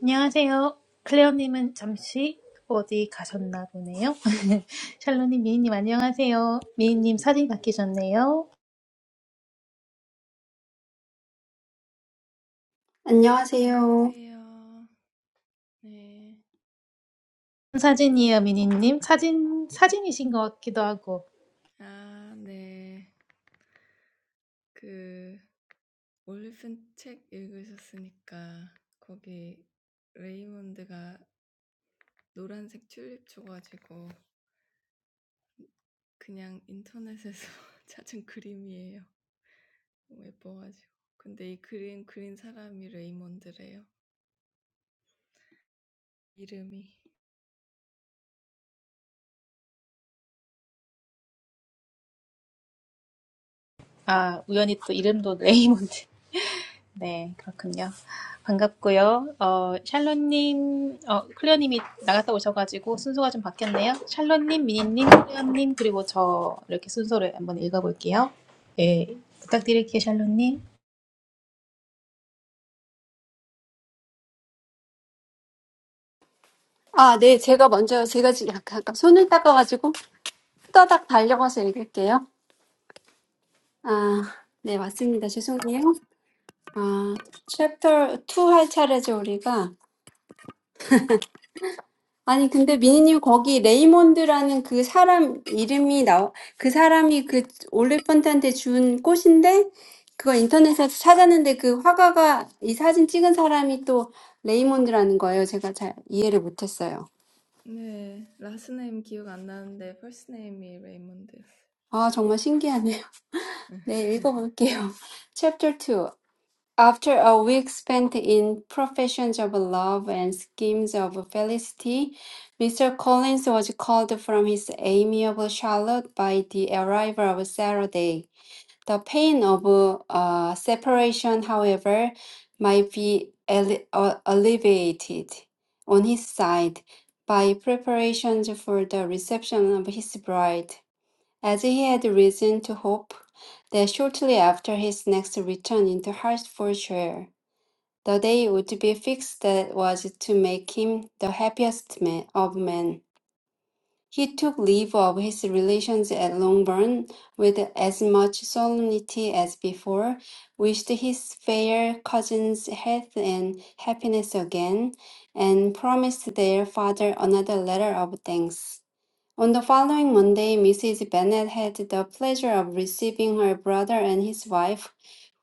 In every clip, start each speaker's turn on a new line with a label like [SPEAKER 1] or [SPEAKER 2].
[SPEAKER 1] 안녕하세요. 클레어님은 잠시 어디 가셨나 보네요. 샬로님, 미니님 안녕하세요. 미니님 사진 바뀌셨네요.
[SPEAKER 2] 안녕하세요.
[SPEAKER 1] 무슨 사진이에요, 미니님. 사진, 사진이신 것 같기도 하고. 아, 우연히 또 이름도 레이몬드. 네, 그렇군요. 반갑고요. 어, 샬로님, 어, 클레어님이 나갔다 오셔가지고 순서가 좀 바뀌었네요. 샬로님, 미니님, 클레어님, 그리고 저 이렇게 순서를 한번 읽어볼게요. 예, 부탁드릴게요, 샬로님.
[SPEAKER 2] 아, 네, 제가 먼저, 제가 지금 약간 아까 손을 닦아가지고 후다닥 달려가서 읽을게요. 아, 네, 맞습니다. 죄송해요. 아, 챕터 2할 차례죠, 우리가. 아니, 근데 미니님 거기 레이몬드라는 그 사람 이름이 나와, 그 사람이 그 올리펀트한테 준 꽃인데, 그거 인터넷에서 찾았는데 그 화가가 이 사진 찍은 사람이 또 레이몬드라는 거예요. 제가 잘 이해를 못했어요. 아, 정말 신기하네요. 네, 읽어볼게요. Chapter 2. After a week spent in professions of love and schemes of felicity, Mr. Collins was called from his amiable Charlotte by the arrival of Saturday. The pain of uh, separation, however, might be alle- uh, alleviated on his side by preparations for the reception of his bride as he had reason to hope that shortly after his next return into Hertfordshire, the day would be fixed that was to make him the happiest man of men. He took leave of his relations at Longbourn with as much solemnity as before, wished his fair cousins health and happiness again, and promised their father another letter of thanks. On the following Monday, Mrs. Bennet had the pleasure of receiving her brother and his wife,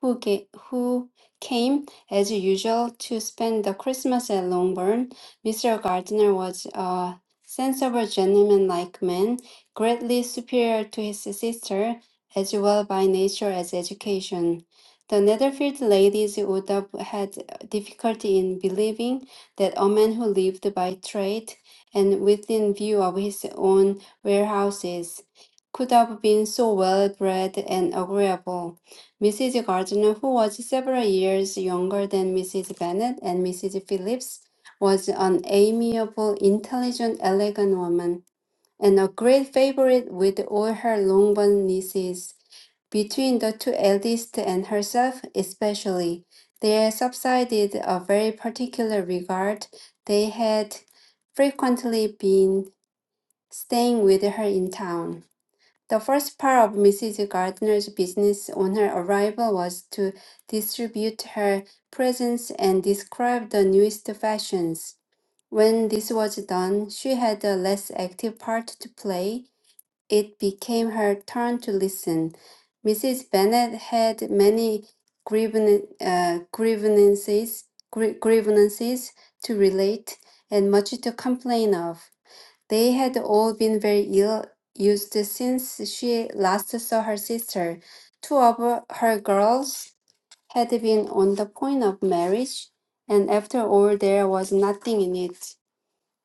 [SPEAKER 2] who, ga- who came, as usual, to spend the Christmas at Longbourn. Mr. Gardiner was a sensible, gentleman-like man, greatly superior to his sister, as well by nature as education. The Netherfield ladies would have had difficulty in believing that a man who lived by trade and within view of his own warehouses, could have been so well bred and agreeable. Mrs. Gardiner, who was several years younger than Mrs. Bennet and Mrs. Phillips, was an amiable, intelligent, elegant woman, and a great favorite with all her Longbourn nieces between the two eldest and herself especially, there subsided a very particular regard they had frequently been staying with her in town. The first part of Mrs. Gardner's business on her arrival was to distribute her presents and describe the newest fashions. When this was done, she had a less active part to play, it became her turn to listen. Mrs. Bennet had many grievan- uh, grievances, gr- grievances to relate and much to complain of. They had all been very ill used since she last saw her sister. Two of her her girls had been on the point of marriage, and after all, there was nothing in it.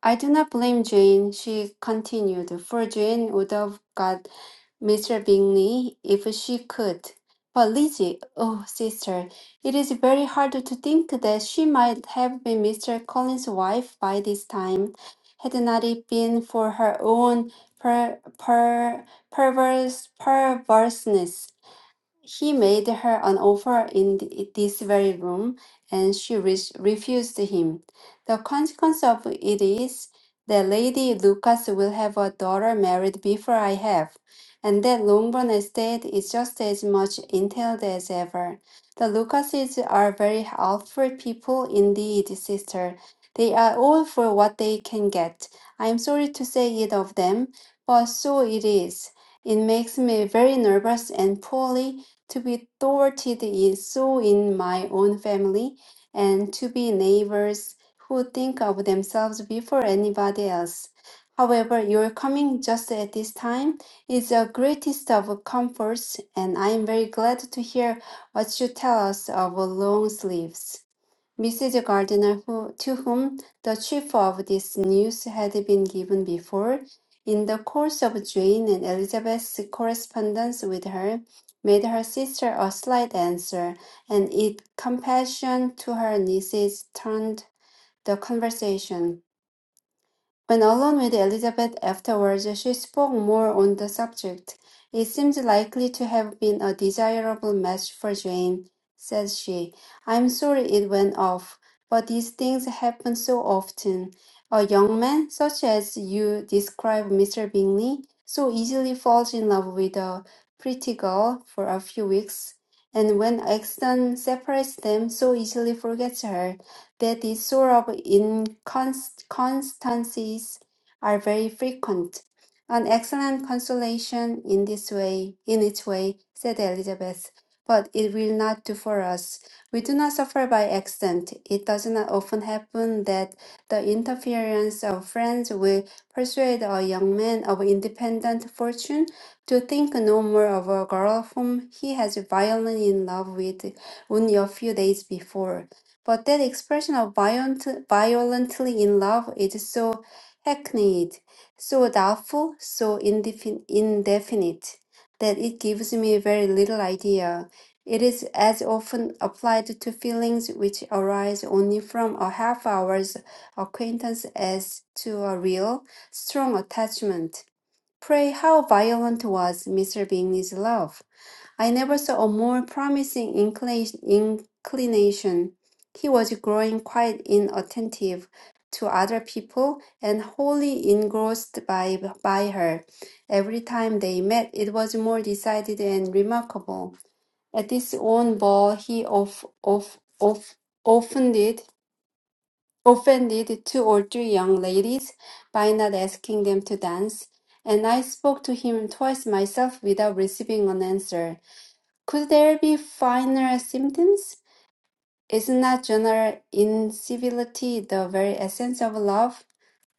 [SPEAKER 2] I do not blame Jane, she continued, for Jane would have got Mr. Bingley if she could. But Lizzie, oh sister, it is very hard to think that she might have been Mr. Collins's wife by this time, had not it been for her own per, per, perverse perverseness. He made her an offer in th- this very room, and she re- refused him. The consequence of it is that Lady Lucas will have a daughter married before I have, and that Longbourn estate is just as much entailed as ever. The Lucases are very helpful people indeed, sister. They are all for what they can get. I am sorry to say it of them, but so it is. It makes me very nervous and poorly to be thwarted is so in my own family, and to be neighbors who think of themselves before anybody else. However, your coming just at this time is the greatest of comforts, and I am very glad to hear what you tell us of long sleeves. Mrs. Gardiner, who, to whom the chief of this news had been given before, in the course of Jane and Elizabeth's correspondence with her, made her sister a slight answer, and in compassion to her nieces turned the conversation. When alone with Elizabeth afterwards, she spoke more on the subject. It seems likely to have been a desirable match for Jane, says she. I'm sorry it went off, but these things happen so often. A young man, such as you describe Mr. Bingley, so easily falls in love with a pretty girl for a few weeks, and when accident separates them, so easily forgets her that this sort of inconsistencies are very frequent. An excellent consolation in this way, in its way, said Elizabeth, but it will not do for us. We do not suffer by accident. It does not often happen that the interference of friends will persuade a young man of independent fortune to think no more of a girl whom he has violently in love with only a few days before. But that expression of violent, violently in love is so hackneyed, so doubtful, so indefin- indefinite, that it gives me very little idea. It is as often applied to feelings which arise only from a half hour's acquaintance as to a real, strong attachment. Pray, how violent was Mr. Bingley's love? I never saw a more promising inclina- inclination. He was growing quite inattentive to other people and wholly engrossed by, by her. Every time they met, it was more decided and remarkable. At his own ball, he of, of, of, offended, offended two or three young ladies by not asking them to dance, and I spoke to him twice myself without receiving an answer. Could there be finer symptoms? Is not general incivility the very essence of love?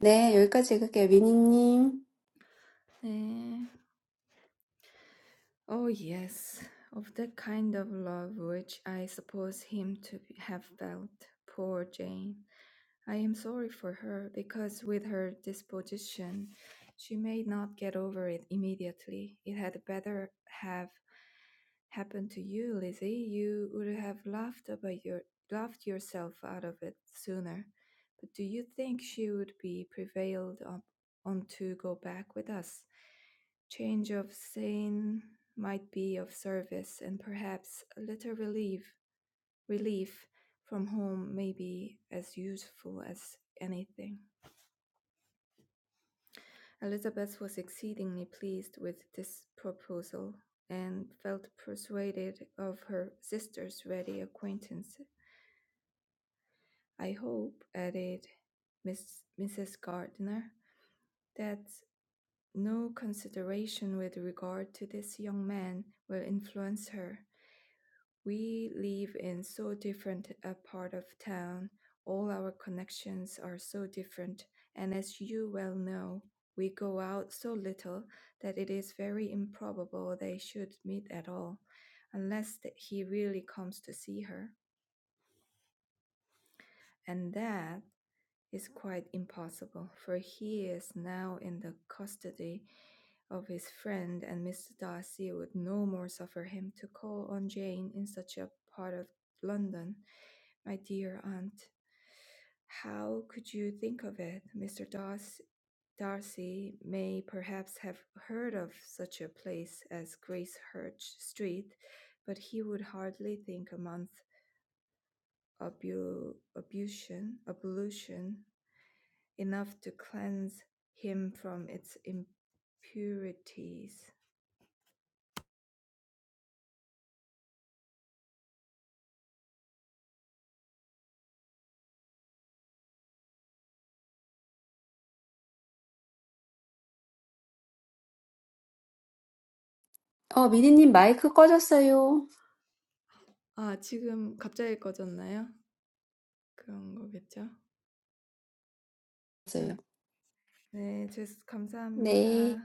[SPEAKER 2] 네, 여기까지 읽을게요. 미니님. 어, 미니님 마이크 꺼졌어요. 꺼졌어요. 네.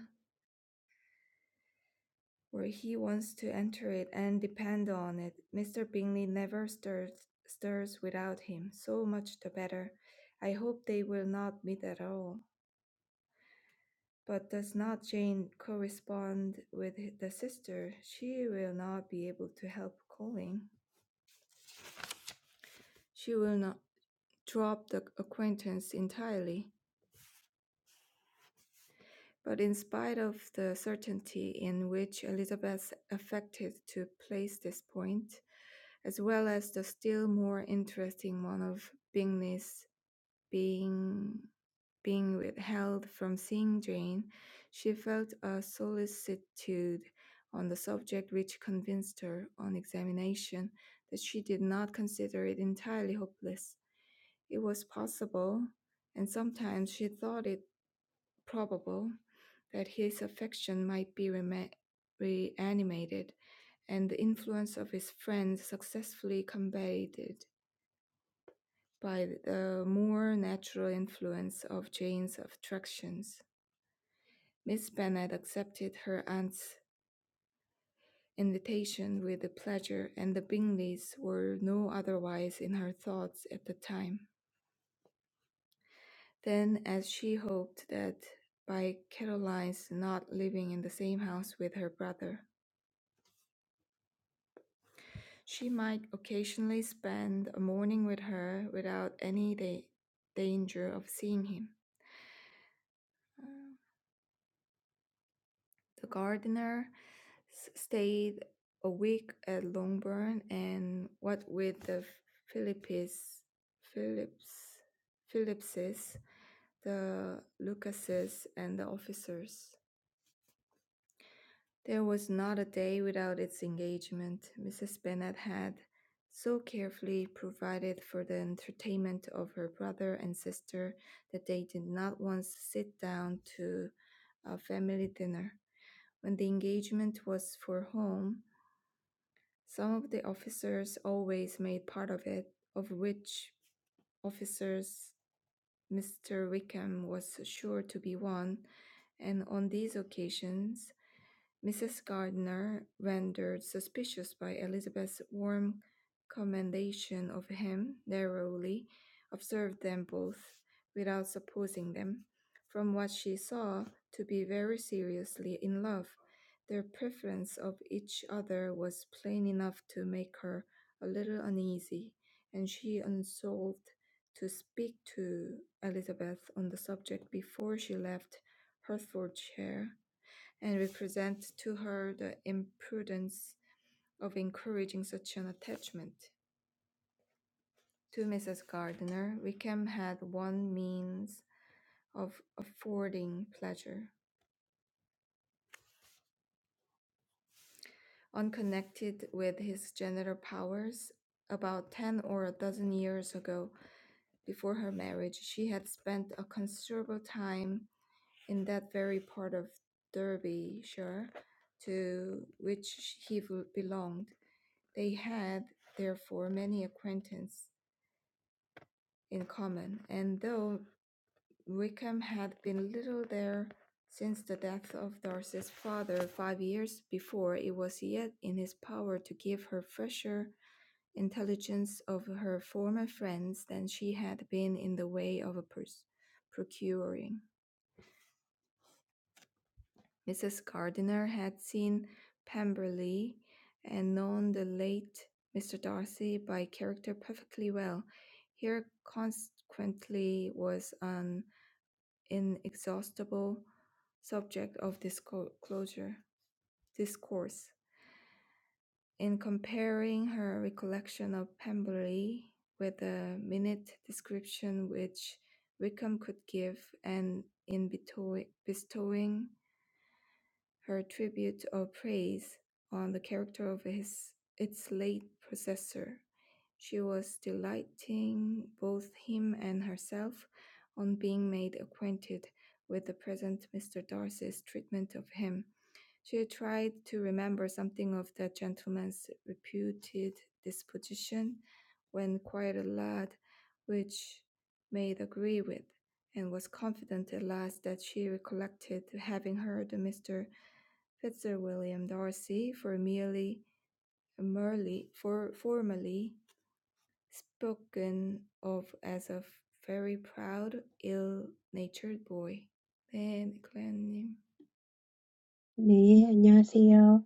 [SPEAKER 3] 네, 안녕하세요.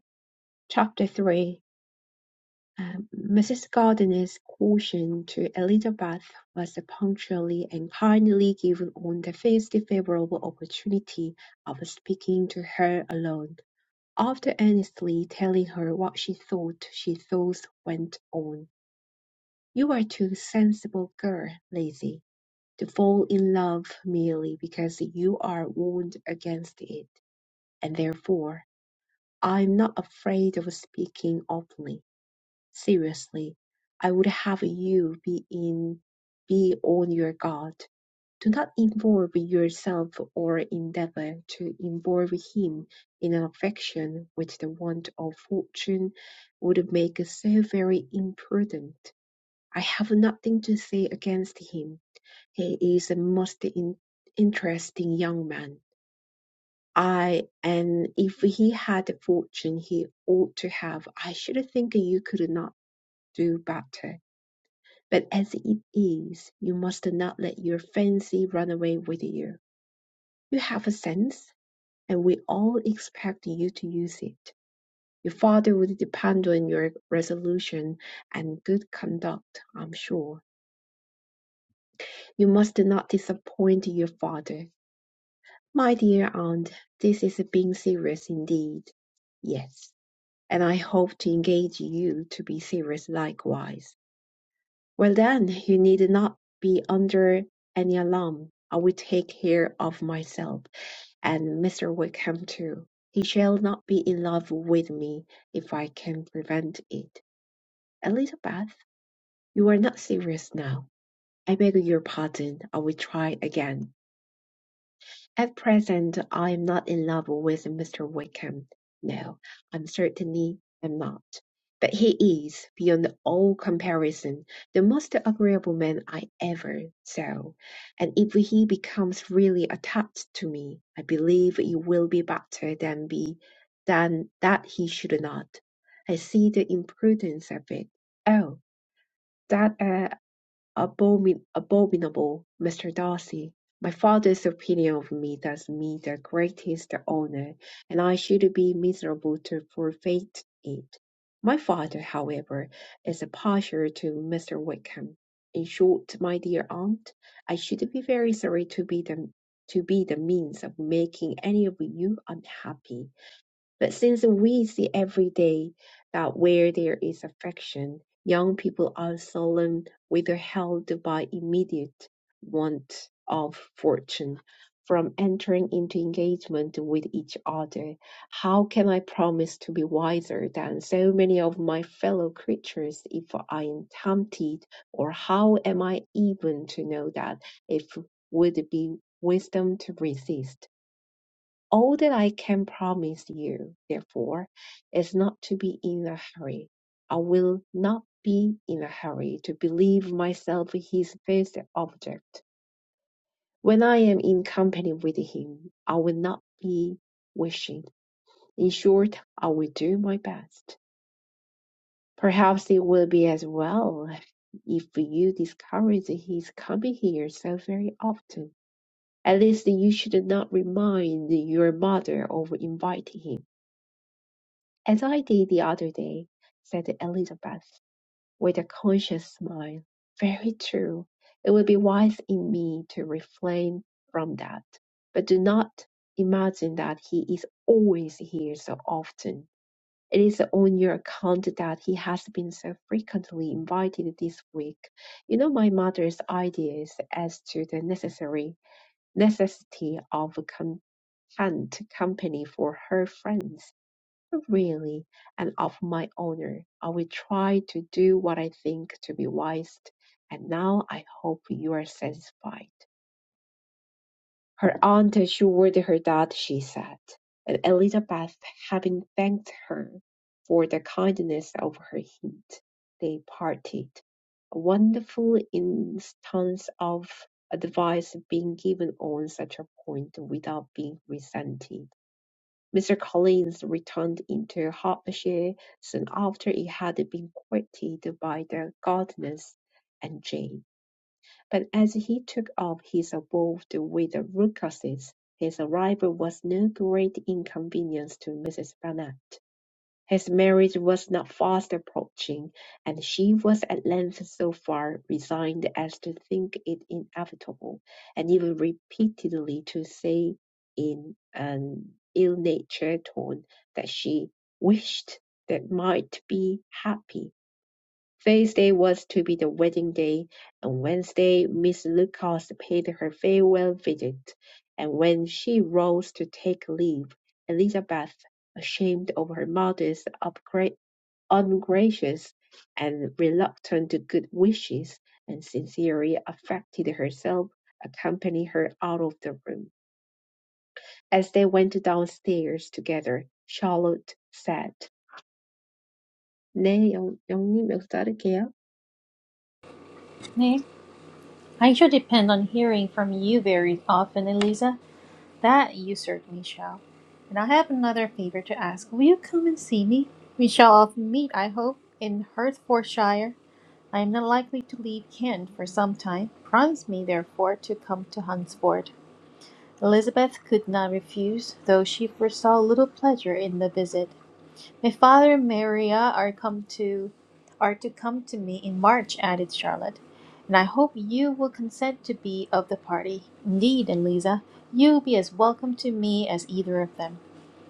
[SPEAKER 3] Chapter 3 um, Mrs. Gardiner's caution to Elizabeth was punctually and kindly given on the first favorable opportunity of speaking to her alone. After earnestly telling her what she thought, she thus went on. You are too sensible girl, Lizzie, to fall in love merely because you are warned against it, and therefore I'm not afraid of speaking openly. Seriously, I would have you be in be on your guard. Do not involve yourself or endeavor to involve him in an affection which the want of fortune would make so very imprudent. I have nothing to say against him. He is a most in- interesting young man. I and if he had a fortune he ought to have, I should think you could not do better. But as it is, you must not let your fancy run away with you. You have a sense, and we all expect you to use it. Your father would depend on your resolution and good conduct, I'm sure. You must not disappoint your father. My dear aunt, this is being serious indeed. Yes. and I hope to engage you to be serious likewise. Well, then, you need not be under any alarm. I will take care of myself and Mr. Wickham too. He shall not be in love with me if I can prevent it. Elizabeth, you are not serious now. I beg your pardon. I will try again. At present I am not in love with Mr. Wickham. No, I certainly am not. But he is, beyond all comparison, the most agreeable man I ever saw, and if he becomes really attached to me, I believe it will be better than be than that he should not. I see the imprudence of it. Oh, that! uh, Abomin- Abominable, Mr. Darcy! My father's opinion of me does me the greatest honour, and I should be miserable to forfeit it. My father, however, is a partial to Mr. Wickham. In short, my dear aunt, I should be very sorry to be the to be the means of making any of you unhappy. But since we see every day that where there is affection, young people are seldom withheld by immediate want of fortune from entering into engagement with each other. How can I promise to be wiser than so many of my fellow creatures if I am tempted? Or how am I even to know that it would be wisdom to resist? All that I can promise you, therefore, is not to be in a hurry. I will not be in a hurry to believe myself his first object. When I am in company with him, I will not be wishing. In short, I will do my best. Perhaps it will be as well if you discourage his coming here so very often. At least you should not remind your mother of inviting him "As I did the other day," said Elizabeth, with a conscious smile. "Very true. It would be wise in me to refrain from that. But do not imagine that he is always here so often. It is on your account that he has been so frequently invited this week. You know my mother's ideas as to the necessary necessity of content company for her friends really and of my honor. I will try to do what I think to be wise, and now I hope you are satisfied. Her aunt assured her that she said, and Elizabeth, having thanked her for the kindness of her hint, they parted. A wonderful instance of advice being given on such a point without being resented. Mr. Collins returned into Hertfordshire soon after he had been courted by the Gardiners and Jane, but as he took up his abode with the Lucases, his arrival was no great inconvenience to Mrs. Bennet. His marriage was now fast approaching, and she was at length so far resigned as to think it inevitable, and even repeatedly to say in an ill-natured tone that she wished they might be happy. Thursday was to be the wedding day, and Wednesday Miss Lucas paid her farewell visit, and when she rose to take leave, Elizabeth, ashamed of her mother's upgra- ungracious and reluctant to good wishes, and sincerely affected herself, accompanied her out of the room. As they went downstairs together, Charlotte said, 네, 영, 영님 여기서 자를게요.
[SPEAKER 1] I shall depend on hearing from you very often, Eliza. That you certainly shall. And I have another favor to ask. Will you come and see me? We shall often meet, I hope, in Hertfordshire. I am not likely to leave Kent for some time. Promise me, therefore, to come to Hunsford. Elizabeth could not refuse, though she foresaw little pleasure in the visit. My Father and Maria are come to are to come to me in March, added Charlotte, and I hope you will consent to be of the party. Indeed, Eliza, you will be as welcome to me as either of them.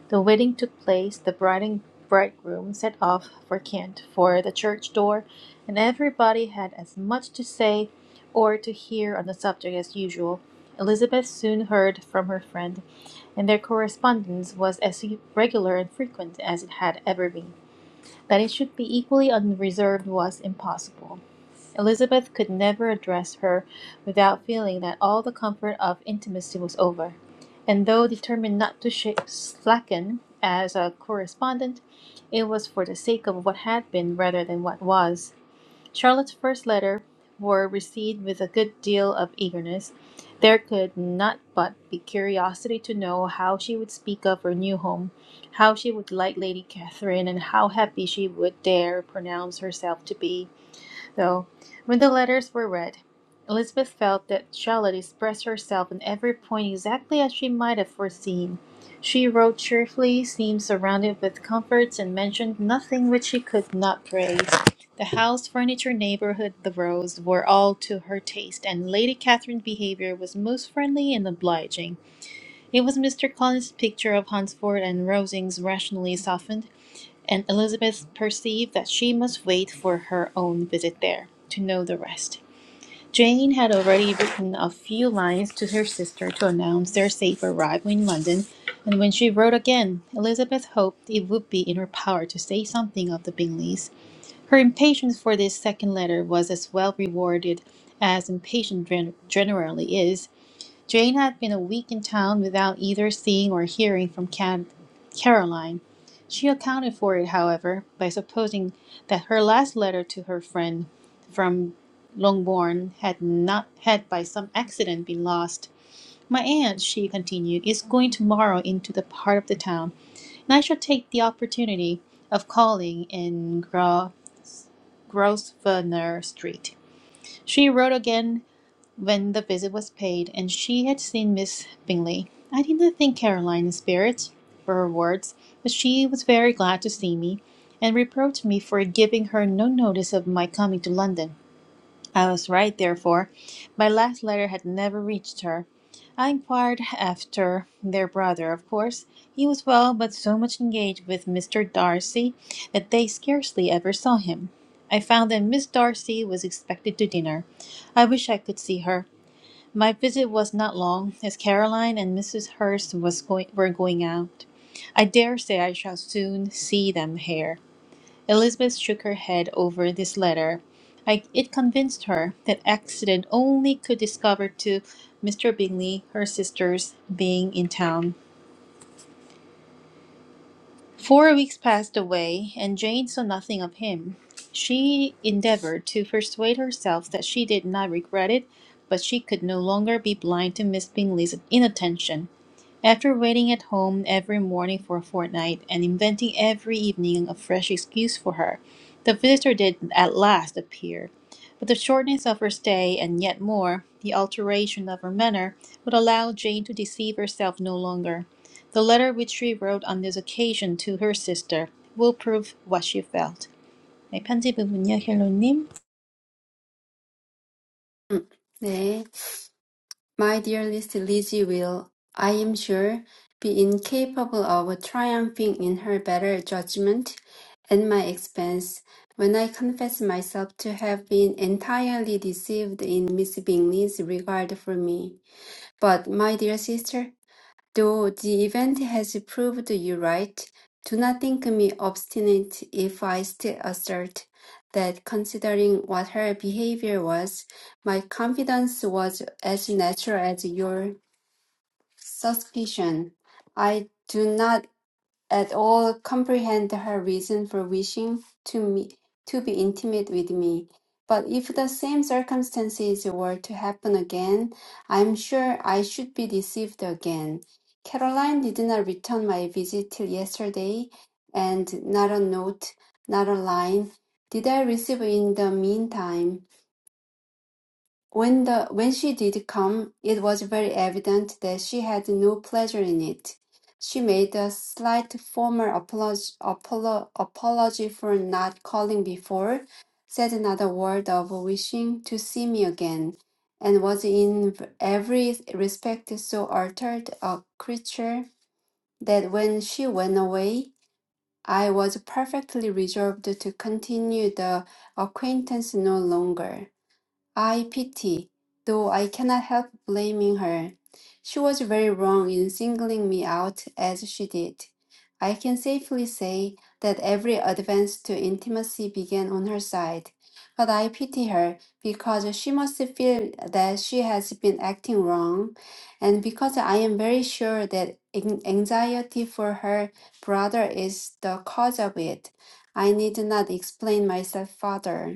[SPEAKER 1] The wedding took place, the bride and bridegroom set off for Kent for the church door, and everybody had as much to say or to hear on the subject as usual. Elizabeth soon heard from her friend, and their correspondence was as regular and frequent as it had ever been. That it should be equally unreserved was impossible. Elizabeth could never address her without feeling that all the comfort of intimacy was over, and though determined not to sh- slacken as a correspondent, it was for the sake of what had been rather than what was. Charlotte's first letter were received with a good deal of eagerness. There could not but be curiosity to know how she would speak of her new home, how she would like Lady Catherine, and how happy she would dare pronounce herself to be. Though, when the letters were read, Elizabeth felt that Charlotte expressed herself in every point exactly as she might have foreseen. She wrote cheerfully, seemed surrounded with comforts, and mentioned nothing which she could not praise. The house, furniture, neighborhood, the roads were all to her taste, and Lady Catherine's behavior was most friendly and obliging. It was Mr. Collins's picture of Hunsford and Rosings rationally softened and Elizabeth perceived that she must wait for her own visit there to know the rest. Jane had already written a few lines to her sister to announce their safe arrival in London, and when she wrote again, Elizabeth hoped it would be in her power to say something of the Bingleys. Her impatience for this second letter was as well rewarded as impatience gen- generally is, Jane had been a week in town without either seeing or hearing from Can- Caroline. She accounted for it, however, by supposing that her last letter to her friend from Longbourn had not had by some accident been lost. My aunt, she continued, is going tomorrow into the heart of the town, and I shall take the opportunity of calling in Gro- Grosvenor Street. She wrote again when the visit was paid and she had seen Miss Bingley. I did not think Caroline in spirit, were her words, but she was very glad to see me, and reproached me for giving her no notice of my coming to London. I was right, therefore. My last letter had never reached her. I inquired after their brother, of course. He was well, but so much engaged with Mr. Darcy that they scarcely ever saw him. I found that Miss Darcy was expected to dinner. I wish I could see her. My visit was not long, as Caroline and Mrs. Hurst was going, were going out. I dare say I shall soon see them here. Elizabeth shook her head over this letter. I, it convinced her that accident only could discover to Mr. Bingley her sister's being in town. Four weeks passed away, and Jane saw nothing of him. She endeavored to persuade herself that she did not regret it, but she could no longer be blind to Miss Bingley's inattention. After waiting at home every morning for a fortnight and inventing every evening a fresh excuse for her, the visitor did at last appear. But the shortness of her stay, and yet more, the alteration of her manner, would allow Jane to deceive herself no longer. The letter which she wrote on this occasion to her sister will prove what she felt. 네, 편지 부분요, 힐로님.
[SPEAKER 2] 음, 네. My dearest Lizzie will, I am sure, be incapable of triumphing in her better judgment and my expense when I confess myself to have been entirely deceived in Miss Bingley's regard for me. But, my dear sister, though the event has proved you right, do not think me obstinate if I still assert that, considering what her behavior was, my confidence was as natural as your suspicion. I do not at all comprehend her reason for wishing to me to be intimate with me. But if the same circumstances were to happen again, I'm sure I should be deceived again. Caroline did not return my visit till yesterday, and not a note, not a line did I receive in the meantime. When the when she did come, it was very evident that she had no pleasure in it. She made a slight formal apology, apolo, apology for not calling before, said not a word of wishing to see me again, and was in every respect so altered a creature that when she went away, I was perfectly resolved to continue the acquaintance no longer. I pity, though I cannot help blaming her. She was very wrong in singling me out as she did. I can safely say that every advance to intimacy began on her side, but I pity her because she must feel that she has been acting wrong, and because I am very sure that an- anxiety for her brother is the cause of it. I need not explain myself further.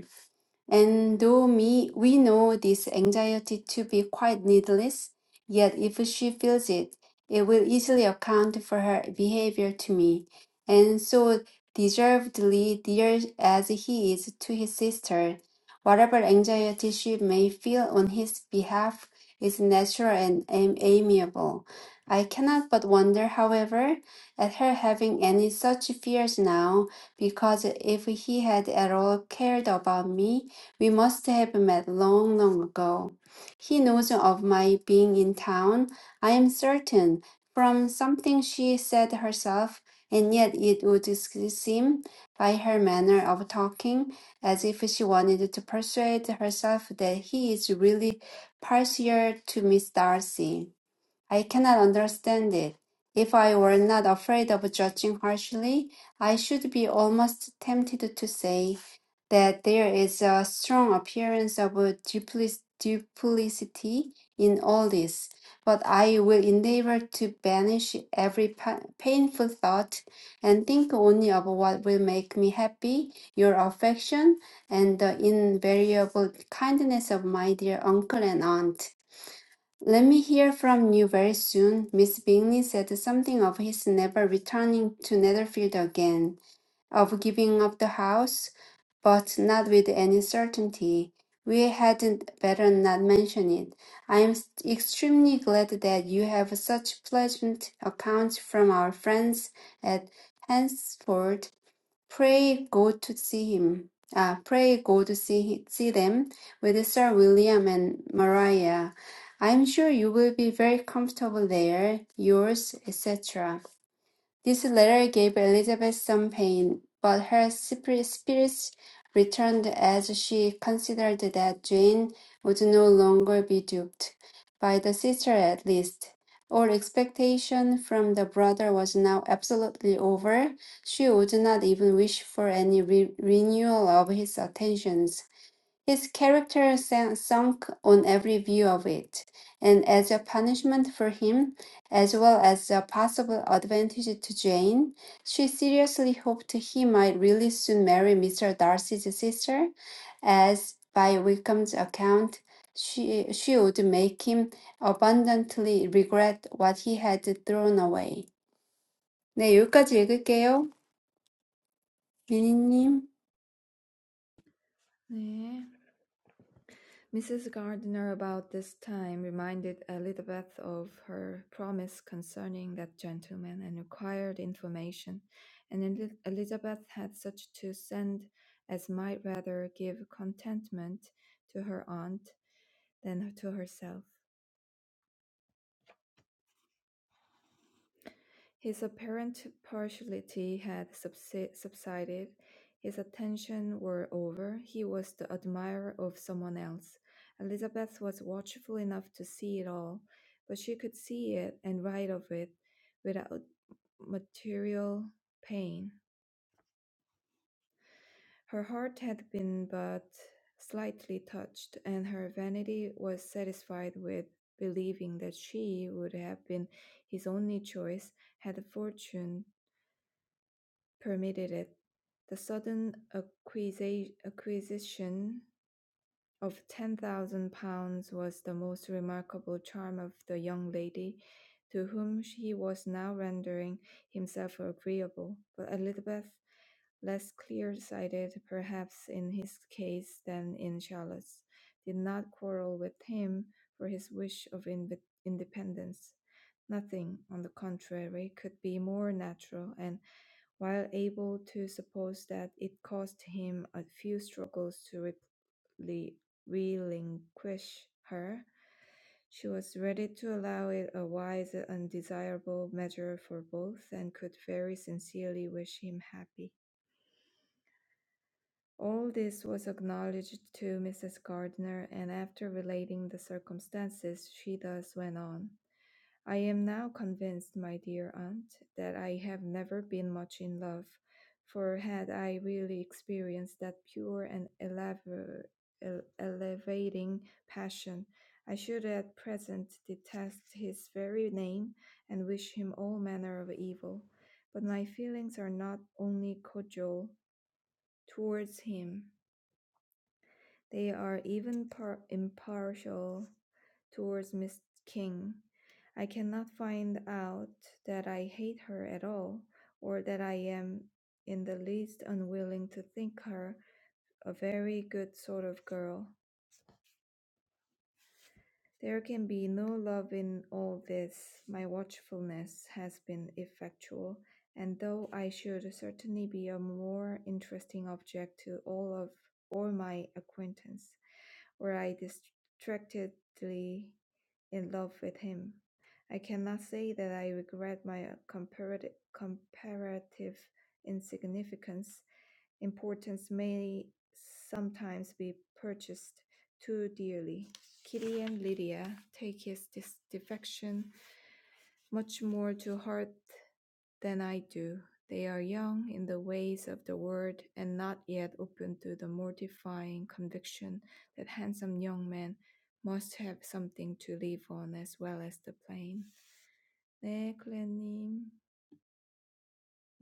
[SPEAKER 2] And though me, we know this anxiety to be quite needless, yet if she feels it, it will easily account for her behavior to me. And so, deservedly dear as he is to his sister, whatever anxiety she may feel on his behalf is natural and am- amiable. I cannot but wonder, however, at her having any such fears now, because if he had at all cared about me, we must have met long, long ago. He knows of my being in town, I am certain, from something she said herself, and yet it would seem, by her manner of talking, as if she wanted to persuade herself that he is really partial to Miss Darcy. I cannot understand it. If I were not afraid of judging harshly, I should be almost tempted to say that there is a strong appearance of duplic- duplicity in all this, but I will endeavor to banish every pa- painful thought and think only of what will make me happy, your affection, and the invariable kindness of my dear uncle and aunt. Let me hear from you very soon. Miss Bingley said something of his never returning to Netherfield again, of giving up the house, but not with any certainty. We hadn't better not mention it. I am extremely glad that you have such pleasant accounts from our friends at Hansford Pray God to see him. Ah, pray God to see see them with Sir William and Maria. I'm sure you will be very comfortable there. Yours, etc. This letter gave Elizabeth some pain, but her spirits returned as she considered that Jane would no longer be duped, by the sister at least. All expectation from the brother was now absolutely over. She would not even wish for any re- renewal of his attentions. His character san- sunk on every view of it, and as a punishment for him, as well as a possible advantage to Jane, she seriously hoped he might really soon marry Mr. Darcy's sister, as by Wickham's account, she, she would make him abundantly regret what he had thrown away. 네, 여기까지 읽을게요. 미니님.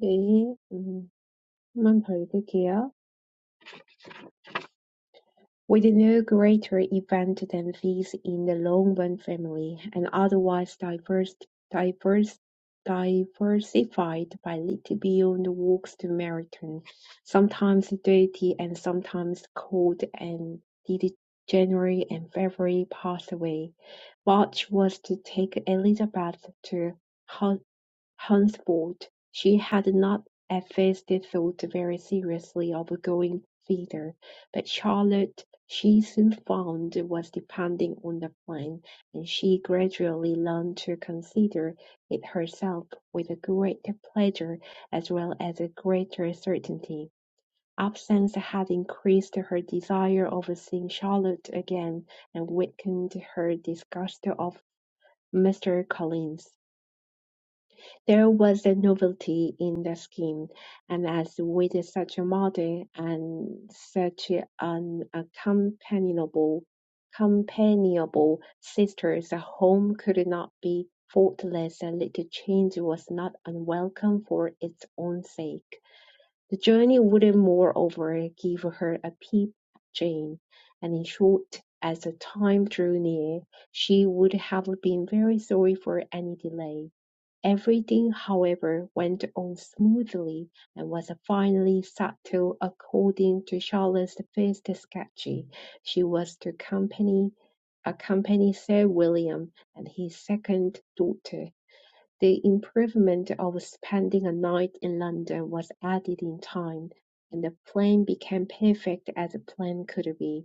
[SPEAKER 3] 네. 음. Montevideo, with no greater event than this in the Longbon family, and otherwise diverse, diverse, diversified by little beyond walks to marathon, sometimes dirty and sometimes cold and did January and February pass away. March was to take Elizabeth to Henceforth she had not at first thought very seriously of going thither, but Charlotte she soon found was depending on the plan, and she gradually learned to consider it herself with a greater pleasure as well as a greater certainty. Absence had increased her desire of seeing Charlotte again, and weakened her disgust of Mr. Collins. There was a novelty in the scheme, and as with such a model and such an companionable, companionable sister, the home could not be faultless, and little change was not unwelcome for its own sake. The journey would, moreover, give her a peep at Jane, and in short, as the time drew near, she would have been very sorry for any delay. Everything, however, went on smoothly and was finally settled according to Charlotte's first sketch: she was to accompany accompany Sir William and his second daughter. The improvement of spending a night in London was added in time, and the plan became perfect as a plan could be.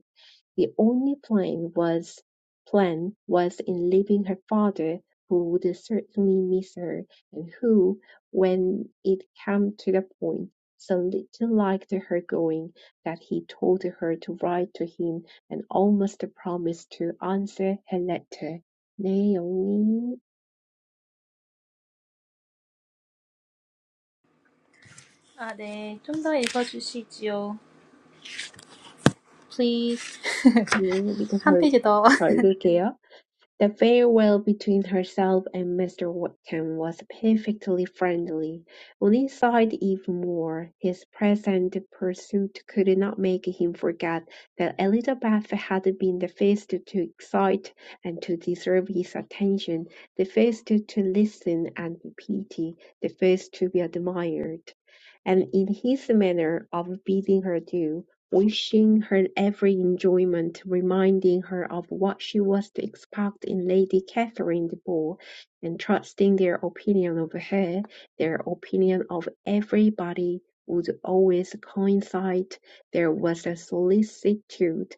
[SPEAKER 3] The only plan was plan was in leaving her father, who would certainly miss her, and who, when it came to the point, so little liked her going, that he told her to write to him and almost promised to answer her letter. 네, 영님.
[SPEAKER 1] 아, 네. 좀 더 읽어주시지요. Please.
[SPEAKER 3] 네, 밑에
[SPEAKER 1] 한
[SPEAKER 3] 덜,
[SPEAKER 1] 페이지 더.
[SPEAKER 3] 덜 읽을게요. The farewell between herself and Mr Wakem was perfectly friendly; on his even more; his present pursuit could not make him forget that Elizabeth had been the first to excite and to deserve his attention, the first to listen and pity, the first to be admired and in his manner of bidding her do, wishing her every enjoyment, reminding her of what she was to expect in Lady Catherine de Bourgh, and trusting their opinion of her, their opinion of everybody would always coincide. There was a solicitude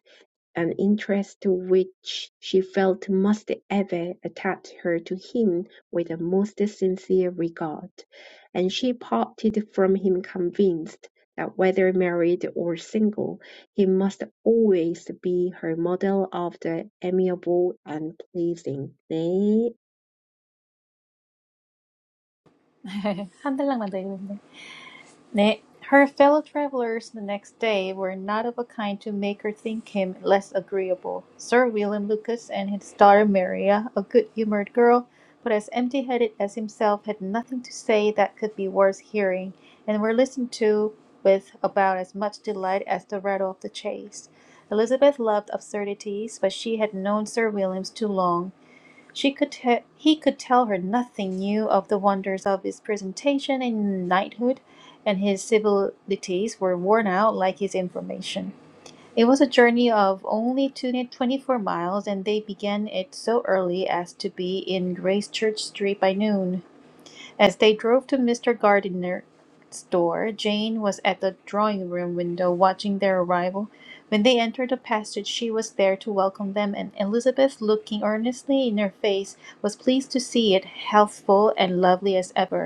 [SPEAKER 3] an interest which she felt must ever attach her to him with the most sincere regard; and she parted from him convinced that whether married or single, he must always be her model of the amiable and pleasing. 네,
[SPEAKER 1] 한 달락만 더 읽는데. Ne- her fellow travellers the next day were not of a kind to make her think him less agreeable. Sir William Lucas and his daughter Maria, a good-humoured girl, but as empty-headed as himself, had nothing to say that could be worth hearing, and were listened to with about as much delight as the rattle of the chase. Elizabeth loved absurdities, but she had known Sir William's too long, she could te- he could tell her nothing new of the wonders of his presentation and knighthood, and his civilities were worn out like his information. It was a journey of only two- 24 miles, and they began it so early as to be in Gracechurch Street by noon. As they drove to Mr. Gardiner's door, Jane was at the drawing room window watching their arrival. When they entered the passage, she was there to welcome them, and Elizabeth, looking earnestly in her face, was pleased to see it healthful and lovely as ever.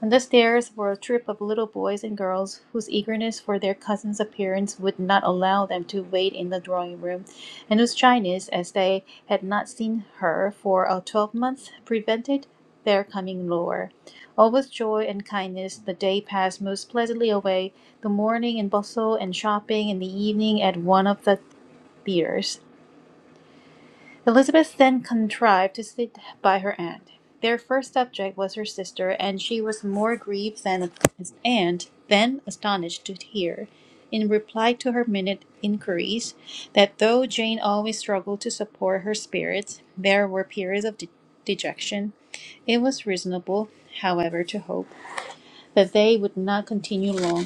[SPEAKER 1] On the stairs were a troop of little boys and girls whose eagerness for their cousin's appearance would not allow them to wait in the drawing room, and whose shyness, as they had not seen her for a twelvemonth, prevented their coming lower. All with joy and kindness. The day passed most pleasantly away, the morning in bustle and shopping, and the evening at one of the theatres. Elizabeth then contrived to sit by her aunt. Their first subject was her sister, and she was more grieved than and than astonished to hear, in reply to her minute inquiries, that though Jane always struggled to support her spirits, there were periods of de- dejection. It was reasonable, however, to hope that they would not continue long.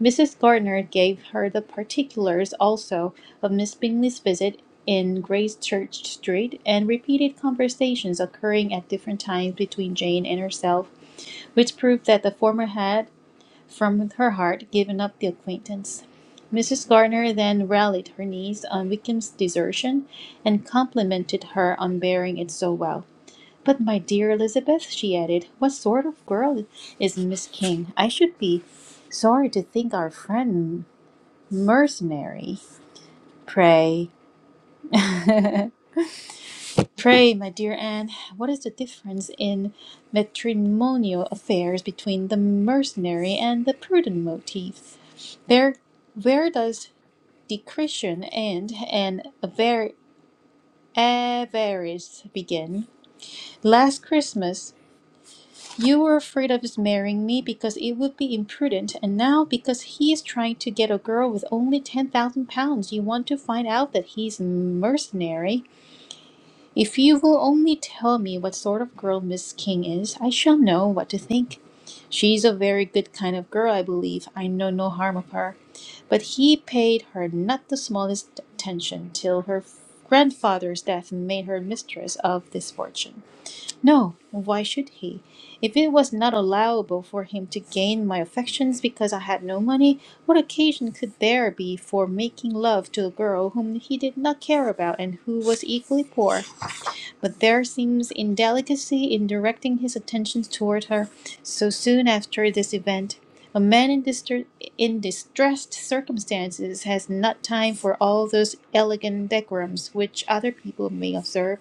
[SPEAKER 1] Mrs. Gardner gave her the particulars also of Miss Bingley's visit in Gracechurch Street, and repeated conversations occurring at different times between Jane and herself, which proved that the former had, from her heart, given up the acquaintance. Mrs. Gardner then rallied her niece on Wickham's desertion, and complimented her on bearing it so well. But, my dear Elizabeth," she added, "what sort of girl is Miss King? I should be sorry to think our friend mercenary. Pray, pray, my dear Anne, what is the difference in matrimonial affairs between the mercenary and the prudent motive? There, where does discretion end and avar- avarice begin? Last Christmas. You were afraid of his marrying me because it would be imprudent, and now because he is trying to get a girl with only ten thousand pounds, you want to find out that he's a mercenary. If you will only tell me what sort of girl Miss King is, I shall know what to think. She's a very good kind of girl, I believe. I know no harm of her. But he paid her not the smallest attention till her grandfather's death made her mistress of this fortune. No, why should he? If it was not allowable for him to gain my affections because I had no money, what occasion could there be for making love to a girl whom he did not care about and who was equally poor? But there seems indelicacy in directing his attentions toward her so soon after this event. A man in, distre- in distressed circumstances has not time for all those elegant decorums which other people may observe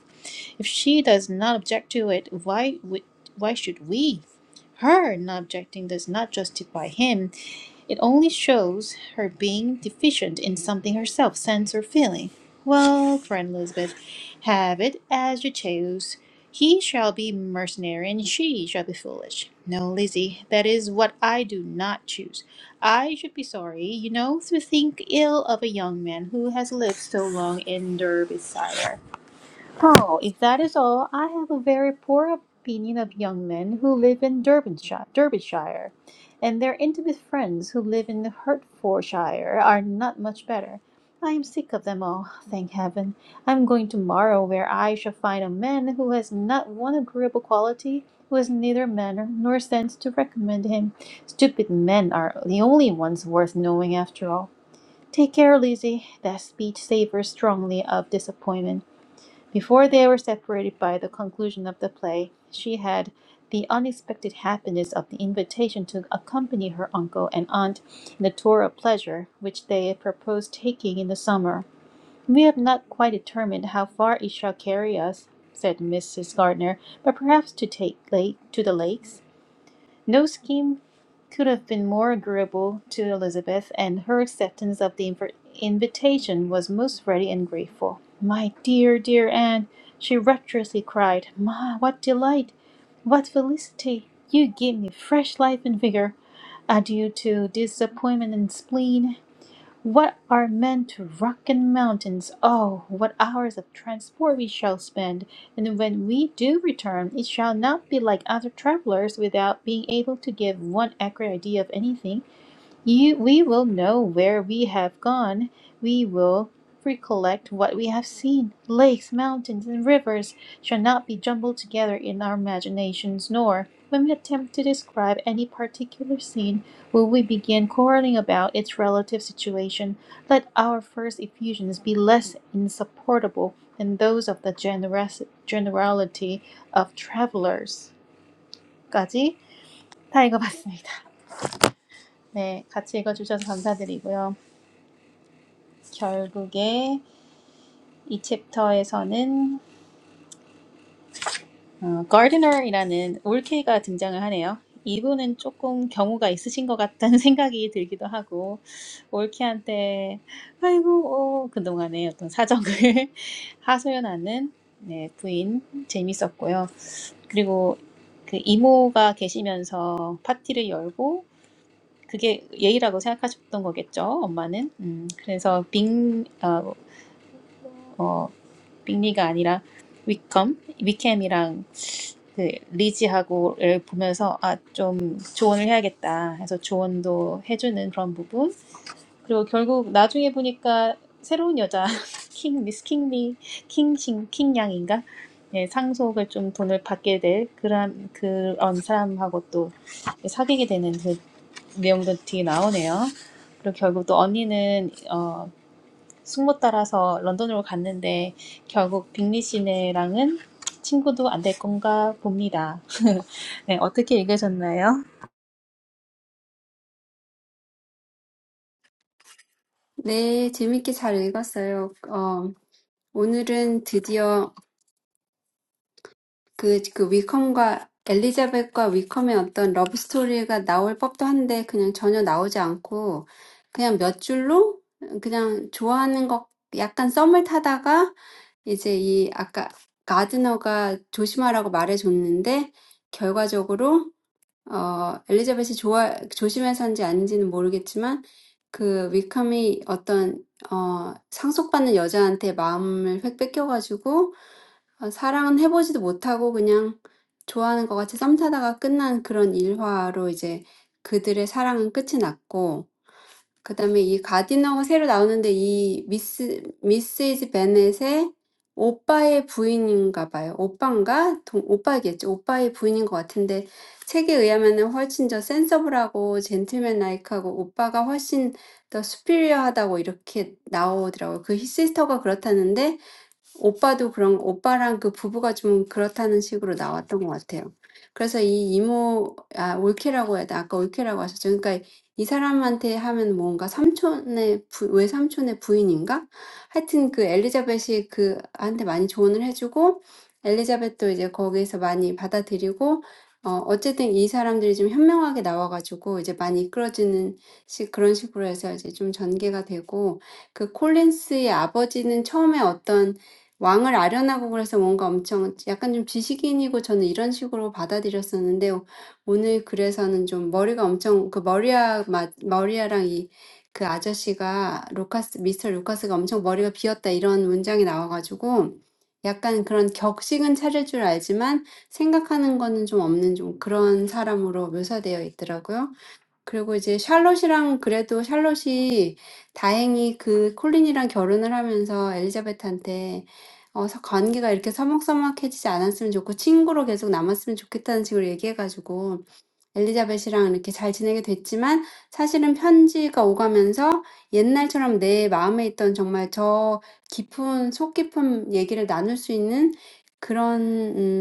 [SPEAKER 1] if she does not object to it, why would why should we? Her not objecting does not justify him. It only shows her being deficient in something herself, sense or feeling. Well, friend Elizabeth, have it as you choose. He shall be mercenary and she shall be foolish. No, Lizzie, that is what I do not choose. I should be sorry, you know, to think ill of a young man who has lived so long in Derbyshire. Oh, if that is all, I have a very poor opinion of young men who live in Derbyshire, Derbyshire, and their intimate friends who live in Hertfordshire are not much better. I am sick of them all, thank heaven. I am going tomorrow where I shall find a man who has not one agreeable quality, who has neither manner nor sense to recommend him. Stupid men are the only ones worth knowing after all. Take care, Lizzie. That speech savors strongly of disappointment. Before they were separated by the conclusion of the play, she had the unexpected happiness of the invitation to accompany her uncle and aunt in the tour of pleasure which they had proposed taking in the summer. We have not quite determined how far it shall carry us, said Mrs. Gardner, but perhaps to take lake to the lakes. No scheme could have been more agreeable to Elizabeth, and her acceptance of the inv- invitation was most ready and grateful. My dear, dear Anne, she rapturously cried, Ma, what delight! What felicity! You give me fresh life and vigour. Adieu to disappointment and spleen. What are men to rock and mountains? Oh, what hours of transport we shall spend! And when we do return, it shall not be like other travelers without being able to give one accurate idea of anything you, we will know where we have gone. We will recollect what we have seen. Lakes, mountains, and rivers shall not be jumbled together in our imaginations, nor, when we attempt to describe any particular scene, will we begin quarreling about its relative situation. Let our first effusions be less insupportable than those of the generous, generality of travelers. 까지 다 읽어봤습니다. 네, 같이 읽어주셔서 감사드리고요. 결국에 이 챕터에서는 어, 가디너이라는 올케가 등장을 하네요. 이분은 조금 경우가 있으신 것 같다는 생각이 들기도 하고 올케한테 아이고 어, 그동안의 어떤 사정을 하소연하는 네, 부인 재밌었고요. 그리고 그 이모가 계시면서 파티를 열고 그게 예의라고 생각하셨던 거겠죠, 엄마는. 음, 그래서 빙 어, 빅리가 아니라 위컴, 위캠이랑 그 리지하고를 보면서 아, 좀 조언을 해야겠다 해서 조언도 해주는 그런 부분. 그리고 결국 나중에 보니까 새로운 여자 킹 미스 킹리 킹싱 킹양인가 예, 상속을 좀 돈을 받게 될 그런 그런 사람하고 또 사귀게 되는 그 내용도 뒤에 나오네요. 그리고 결국 또 언니는 어 숙모 따라서 런던으로 갔는데 결국 빅리 씨네랑은 친구도 안 될 건가 봅니다. 네, 어떻게 읽으셨나요?
[SPEAKER 2] 네, 재밌게 잘 읽었어요. 어, 오늘은 드디어 그, 그 위컴과 엘리자벳과 위컴의 어떤 러브 스토리가 나올 법도 한데 그냥 전혀 나오지 않고 그냥 몇 줄로 그냥 좋아하는 것 약간 썸을 타다가 이제 이 아까 가드너가 조심하라고 말해줬는데 결과적으로 어, 엘리자벳이 좋아, 조심해서 한지 아닌지는 모르겠지만, 그 위컴이 어떤, 어, 상속받는 여자한테 마음을 획 뺏겨가지고, 어, 사랑은 해보지도 못하고 그냥 좋아하는 것 같이 썸 타다가 끝난 그런 일화로 이제 그들의 사랑은 끝이 났고, 그다음에 이 가디너가 새로 나오는데 이 미스 미시즈 베넷의 오빠의 부인인가 봐요. 오빠인가? 동, 오빠겠죠. 오빠의 부인인 것 같은데 책에 의하면은 훨씬 더 센서블하고 젠틀맨 라이크하고 오빠가 훨씬 더 수피리어하다고 이렇게 나오더라고요. 그 시스터가 그렇다는데 오빠도 그런, 오빠랑 그 부부가 좀 그렇다는 식으로 나왔던 것 같아요. 그래서 이 이모, 아, 올케라고 해야 돼. 아까 올케라고 하셨죠. 그러니까 이 사람한테 하면 뭔가 삼촌의, 부, 외삼촌의 부인인가? 하여튼 그 엘리자벳이 그, 한테 많이 조언을 해주고, 엘리자벳도 이제 거기에서 많이 받아들이고, 어, 어쨌든 이 사람들이 좀 현명하게 나와가지고 이제 많이 이끌어지는 식, 그런 식으로 해서 이제 좀 전개가 되고, 그 콜린스의 아버지는 처음에 어떤 왕을 아련하고 그래서 뭔가 엄청 약간 좀 지식인이고 저는 이런 식으로 받아들였었는데 오늘 글에서는 좀 머리가 엄청 그 머리아 마, 머리아랑 이 그 아저씨가 루카스 미스터 루카스가 엄청 머리가 비었다 이런 문장이 나와가지고 약간 그런 격식은 차릴 줄 알지만 생각하는 거는 좀 없는 좀 그런 사람으로 묘사되어 있더라고요. 그리고 이제 샬롯이랑 그래도 샬롯이 다행히 그 콜린이랑 결혼을 하면서 엘리자베트한테 어, 서- 관계가 이렇게 서먹서먹해지지 않았으면 좋고 친구로 계속 남았으면 좋겠다는 식으로 얘기해가지고 엘리자벳이랑 이렇게 잘 지내게 됐지만 사실은 편지가 오가면서 옛날처럼 내 마음에 있던 정말 저 깊은, 속 깊은 얘기를 나눌 수 있는 그런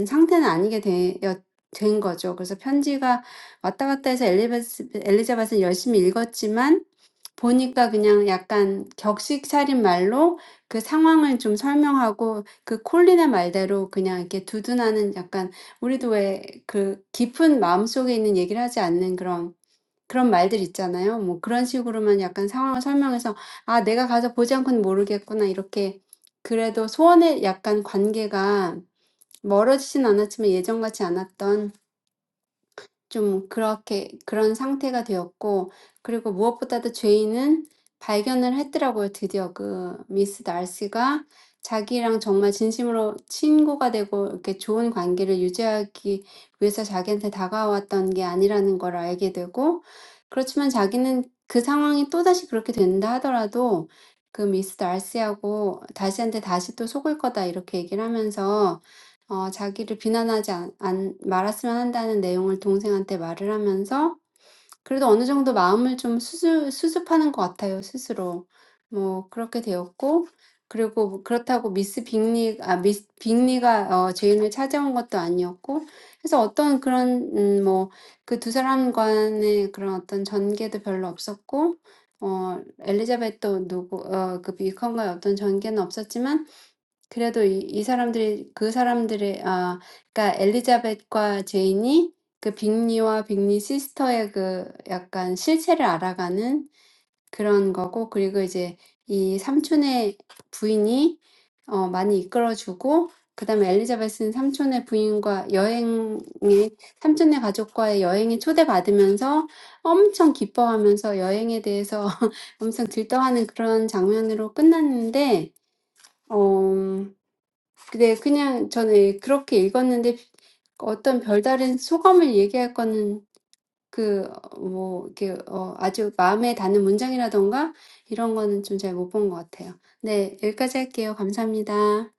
[SPEAKER 2] 음, 상태는 아니게 되었 된 거죠. 그래서 편지가 왔다 갔다 해서 엘리자벳, 엘리자벳은 열심히 읽었지만 보니까 그냥 약간 격식 차린 말로 그 상황을 좀 설명하고 그 콜린의 말대로 그냥 이렇게 두둔하는 약간 우리도 왜그 깊은 마음속에 있는 얘기를 하지 않는 그런 그런 말들 있잖아요. 뭐 그런 식으로만 약간 상황을 설명해서 아, 내가 가서 보지 않고는 모르겠구나. 이렇게 그래도 소원의 약간 관계가 멀어지진 않았지만 예전같이 않았던 좀 그렇게 그런 상태가 되었고 그리고 무엇보다도 죄인은 발견을 했더라고요. 드디어 그 미스 날씨가 자기랑 정말 진심으로 친구가 되고 이렇게 좋은 관계를 유지하기 위해서 자기한테 다가왔던 게 아니라는 걸 알게 되고 그렇지만 자기는 그 상황이 또다시 그렇게 된다 하더라도 그 미스 날씨하고 다시한테 다시 또 속을 거다 이렇게 얘기를 하면서 어, 자기를 비난하지 않, 안, 말았으면 한다는 내용을 동생한테 말을 하면서 그래도 어느 정도 마음을 좀 수습, 수습하는 것 같아요, 스스로. 뭐, 그렇게 되었고, 그리고 뭐 그렇다고 미스 빅리, 아, 미스 빅리가 어, 제인을 찾아온 것도 아니었고, 그래서 어떤 그런, 음, 뭐, 그 두 사람 간의 그런 어떤 전개도 별로 없었고, 어, 엘리자벳도 누구, 어, 그 비컨과의 어떤 전개는 없었지만, 그래도 이, 이 사람들이 그 사람들의 아 그러니까 엘리자벳과 제인이 그 빅리와 빅리 시스터의 그 약간 실체를 알아가는 그런 거고 그리고 이제 이 삼촌의 부인이 어 많이 이끌어주고 그다음에 엘리자벳은 삼촌의 부인과 여행에 삼촌의 가족과의 여행에 초대받으면서 엄청 기뻐하면서 여행에 대해서 엄청 들떠하는 그런 장면으로 끝났는데 어. 근데 그냥 저는 그렇게 읽었는데 어떤 별다른 소감을 얘기할 거는 그, 어, 뭐, 이렇게, 어, 아주 마음에 닿는 문장이라던가 이런 거는 좀잘못본것 같아요. 네, 여기까지 할게요. 감사합니다.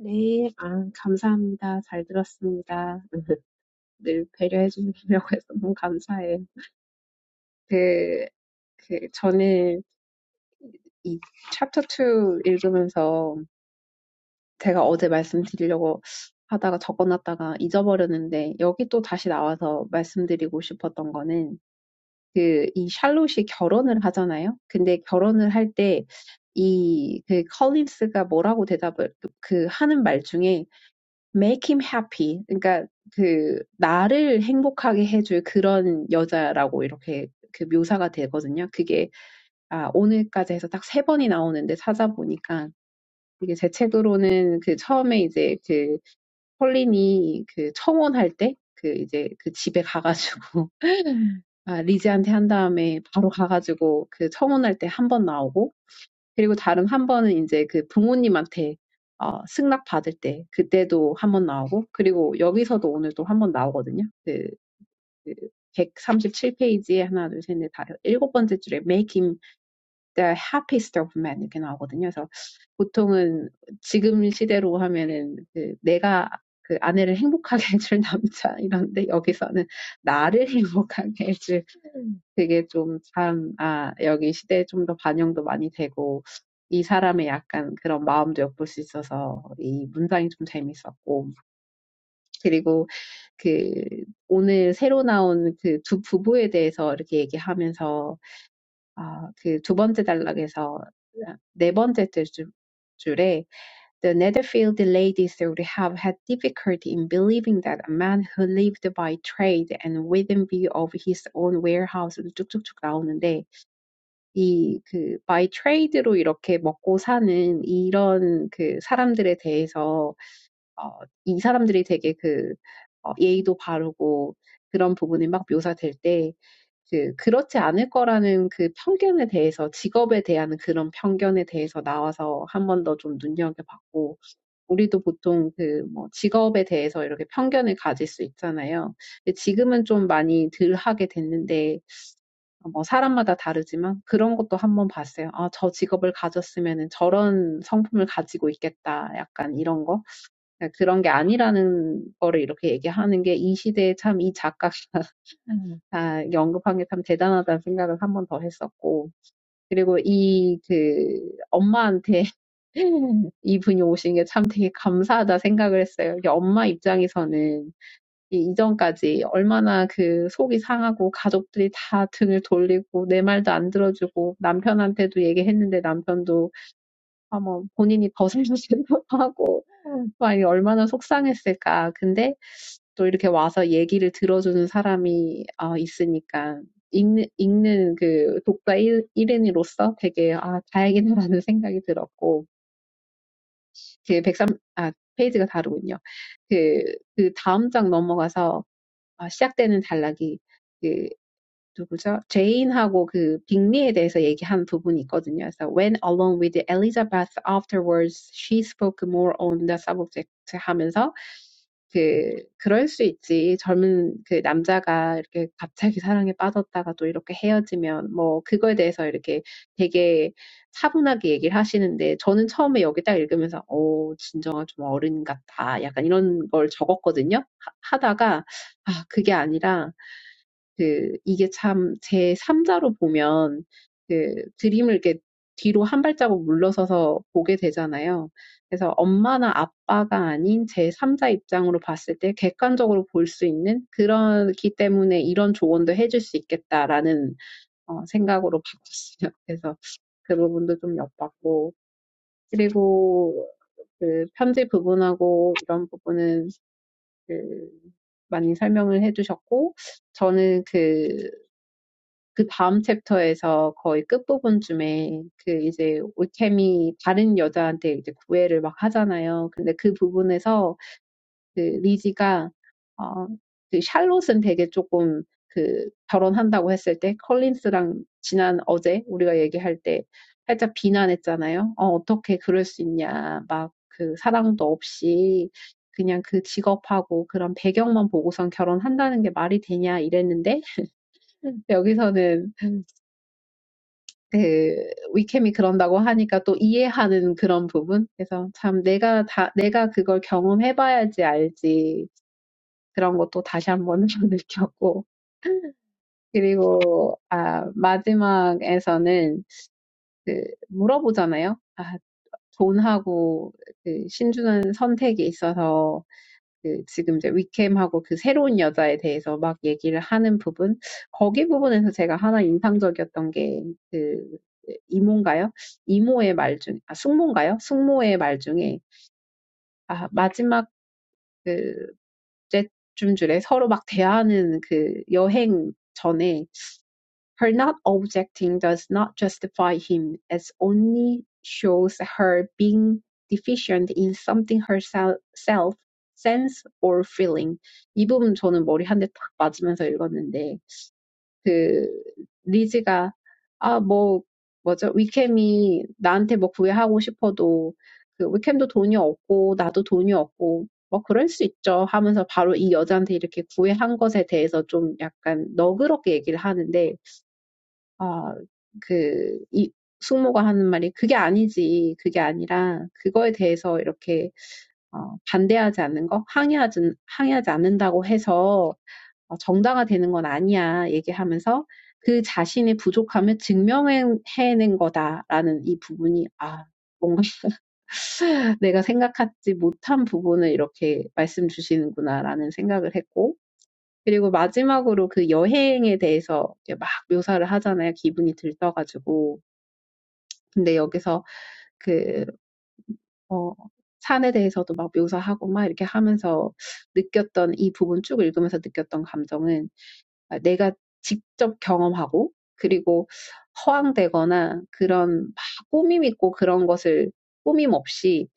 [SPEAKER 3] 네, 아, 감사합니다. 잘 들었습니다. 늘 배려해 주시려고 해서 너무 감사해요. 그, 그, 저는 이 챕터 2 읽으면서 제가 어제 말씀드리려고 하다가 적어놨다가 잊어버렸는데 여기 또 다시 나와서 말씀드리고 싶었던 거는 그 이 샬롯이 결혼을 하잖아요. 근데 결혼을 할 때 이, 그, 컬린스가 뭐라고 대답을, 그, 하는 말 중에, make him happy. 그러니까, 그, 나를 행복하게 해줄 그런 여자라고 이렇게 그 묘사가 되거든요. 그게, 아, 오늘까지 해서 딱 세 번이 나오는데 찾아보니까, 이게 제 책으로는 그 처음에 이제 그 폴린이 그 청혼할 때그 이제 그 집에 가가지고 아, 리지한테 한 다음에 바로 가가지고 그 청혼할 때 한 번 나오고 그리고 다른 한 번은 이제 그 부모님한테 어, 승낙 받을 때 그때도 한 번 나오고 그리고 여기서도 오늘 또 한 번 나오거든요. 그 그 137페이지에 하나, 둘, 셋, 넷, 다섯, 일곱 번째 줄에 make him the happiest of men 이렇게 나오거든요. 그래서 보통은 지금 시대로 하면은 그 내가 그 아내를 행복하게 해줄 남자 이런데 여기서는 나를 행복하게 해줄 되게 좀 참, 아, 여기 시대에 좀더 반영도 많이 되고 이 사람의 약간 그런 마음도 엿볼 수 있어서 이 문장이 좀 재밌었고 그리고 그 오늘 새로 나온 그두 부부에 대해서 이렇게 얘기하면서 아, 그두 번째 단락에서 아, 네 번째 줄- 줄- 에 The Netherfield ladies would have had difficulty in believing that a man who lived by trade and within view of his own warehouse 쭉쭉쭉 나오는데 이 그 by trade로 이렇게 먹고 사는 이런 그 사람들에 대해서 어, 이 사람들이 되게 그 어, 예의도 바르고 그런 부분이 막 묘사될 때, 그, 그렇지 않을 거라는 그 편견에 대해서, 직업에 대한 그런 편견에 대해서 나와서 한번 더 좀 눈여겨봤고, 우리도 보통 그, 뭐, 직업에 대해서 이렇게 편견을 가질 수 있잖아요. 근데 지금은 좀 많이 덜 하게 됐는데, 뭐, 사람마다 다르지만 그런 것도 한번 봤어요. 아, 저 직업을 가졌으면은 저런 성품을 가지고 있겠다. 약간 이런 거. 그런게 아니라는 거를 이렇게 얘기하는 게 이 시대에 참 이 작가가 아, 언급한 게 참 대단하다는 생각을 한번더 했었고. 그리고 이, 그, 엄마한테 이분이 오신 게 참 되게 감사하다 생각을 했어요. 이게 엄마 입장에서는 이 이전까지 얼마나 그 속이 상하고 가족들이 다 등을 돌리고 내 말도 안 들어주고 남편한테도 얘기했는데 남편도 아, 뭐 본인이 더 살려주기도 하고 아니 얼마나 속상했을까. 근데 또 이렇게 와서 얘기를 들어주는 사람이 어, 있으니까 읽는, 읽는 그 독자 1, 인으로서 되게 아, 다행이다라는 생각이 들었고 그1 3 아, 페이지가 다르군요. 그, 그 다음 장 넘어가서 아, 시작되는 단락이 그, 누구죠? 제인하고 그 빅리에 대해서 얘기한 부분이 있거든요. 그래서 when alone with Elizabeth afterwards, she spoke more on the subject 하면서 그 그럴 수 있지. 젊은 그 남자가 이렇게 갑자기 사랑에 빠졌다가 또 이렇게 헤어지면 뭐 그거에 대해서 이렇게 되게 차분하게 얘기를 하시는데 저는 처음에 여기 딱 읽으면서 어 진정한 좀 어른 같다. 약간 이런 걸 적었거든요. 하, 하다가 아 그게 아니라 그 이게 참 제 3자로 보면 그 드림을 이렇게 뒤로 한 발자국 물러서서 보게 되잖아요. 그래서 엄마나 아빠가 아닌 제 3자 입장으로 봤을 때 객관적으로 볼 수 있는 그렇기 때문에 이런 조언도 해줄 수 있겠다라는 어, 생각으로 바꿨어요. 그래서 그 부분도 좀 엿봤고 그리고 그 편지 부분하고 이런 부분은 그 많이 설명을 해주셨고 저는 그 그 다음 챕터에서 거의 끝부분쯤에 그 이제 올케미 다른 여자한테 이제 구애를 막 하잖아요. 근데 그 부분에서 그 리지가 어, 그 샬롯은 되게 조금 그 결혼한다고 했을 때 컬린스랑 지난 어제 우리가 얘기할 때 살짝 비난했잖아요. 어, 어떻게 그럴 수 있냐. 막 그 사랑도 없이 그냥 그 직업하고 그런 배경만 보고선 결혼한다는 게 말이 되냐 이랬는데 여기서는 그 위캠이 그런다고 하니까 또 이해하는 그런 부분. 그래서 참 내가 다 내가 그걸 경험해봐야지 알지. 그런 것도 다시 한 번 느꼈고. 그리고 아 마지막에서는 그 물어보잖아요. 아 돈하고 그 신주는 선택이 있어서 그 지금 이제 위캠하고 그 새로운 여자에 대해서 막 얘기를 하는 부분, 거기 부분에서 제가 하나 인상적이었던 게 그 이모인가요? 이모의 말 중, 아, 숙모인가요? 숙모의 말 중에, 아, 마지막 그셋 줌줄에 서로 막 대하는 그 여행 전에 Her not objecting does not justify him, as only shows her being deficient in something herself, sense or feeling. 이 부분 저는 머리 한 대 탁 맞으면서 읽었는데, 그, 리즈가, 아, 뭐, 뭐죠? 위캠이 나한테 뭐 구애하고 싶어도, 그, 위캠도 돈이 없고, 나도 돈이 없고, 뭐, 그럴 수 있죠. 하면서 바로 이 여자한테 이렇게 구애한 것에 대해서 좀 약간 너그럽게 얘기를 하는데, 어, 그, 이, 숙모가 하는 말이 그게 아니지. 그게 아니라 그거에 대해서 이렇게 어, 반대하지 않는 거, 항의하지, 항의하지 않는다고 해서 어, 정당화되는 건 아니야 얘기하면서 그 자신의 부족함을 증명해낸 거다라는 이 부분이, 아, 뭔가 내가 생각하지 못한 부분을 이렇게 말씀 주시는구나라는 생각을 했고, 그리고 마지막으로 그 여행에 대해서 이렇게 막 묘사를 하잖아요. 기분이 들떠가지고. 근데 여기서 그, 어, 산에 대해서도 막 묘사하고 막 이렇게 하면서 느꼈던 이 부분 쭉 읽으면서 느꼈던 감정은 아, 내가 직접 경험하고 그리고 허황되거나 그런 막 꾸밈 있고 그런 것을 꾸밈 없이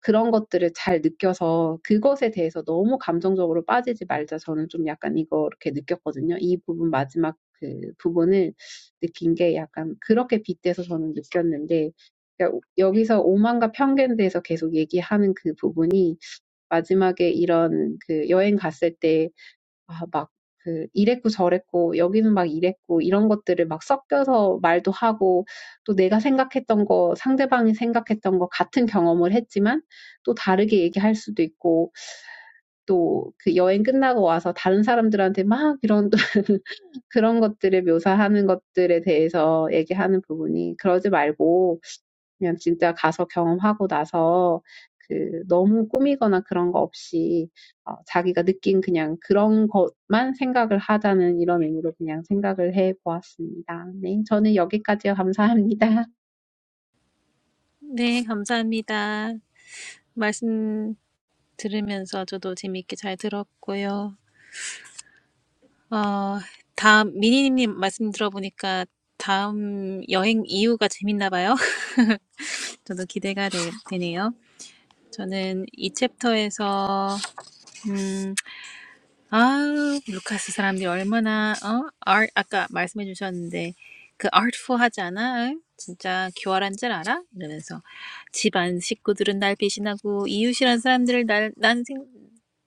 [SPEAKER 3] 그런 것들을 잘 느껴서 그것에 대해서 너무 감정적으로 빠지지 말자. 저는 좀 약간 이거 이렇게 느꼈거든요. 이 부분 마지막 그 부분을 느낀 게 약간 그렇게 빗대서 저는 느꼈는데 그러니까 여기서 오만과 편견에 대해서 계속 얘기하는 그 부분이 마지막에 이런 그 여행 갔을 때 아, 막, 그, 이랬고 저랬고, 여기는 막 이랬고, 이런 것들을 막 섞여서 말도 하고, 또 내가 생각했던 거, 상대방이 생각했던 거 같은 경험을 했지만, 또 다르게 얘기할 수도 있고, 또 그 여행 끝나고 와서 다른 사람들한테 막 이런, 그런 것들을 묘사하는 것들에 대해서 얘기하는 부분이, 그러지 말고, 그냥 진짜 가서 경험하고 나서 그 너무 꾸미거나 그런 거 없이 어, 자기가 느낀 그냥 그런 것만 생각을 하자는 이런 의미로 그냥 생각을 해 보았습니다. 네, 저는 여기까지요. 감사합니다.
[SPEAKER 1] 네, 감사합니다. 말씀 들으면서 저도 재미있게 잘 들었고요. 어, 다음, 미니님 말씀 들어보니까 다음 여행 이유가 재밌나 봐요. 저도 기대가 되, 되네요. 저는 이 챕터에서, 음. 아, 루카스 사람들이 얼마나 어? art 아까 말씀해 주셨는데 그 artful 하지 않아? 응? 진짜 교활한 줄 알아? 이러면서 집안 식구들은 날 배신하고 이웃이란 사람들을 날, 난 생,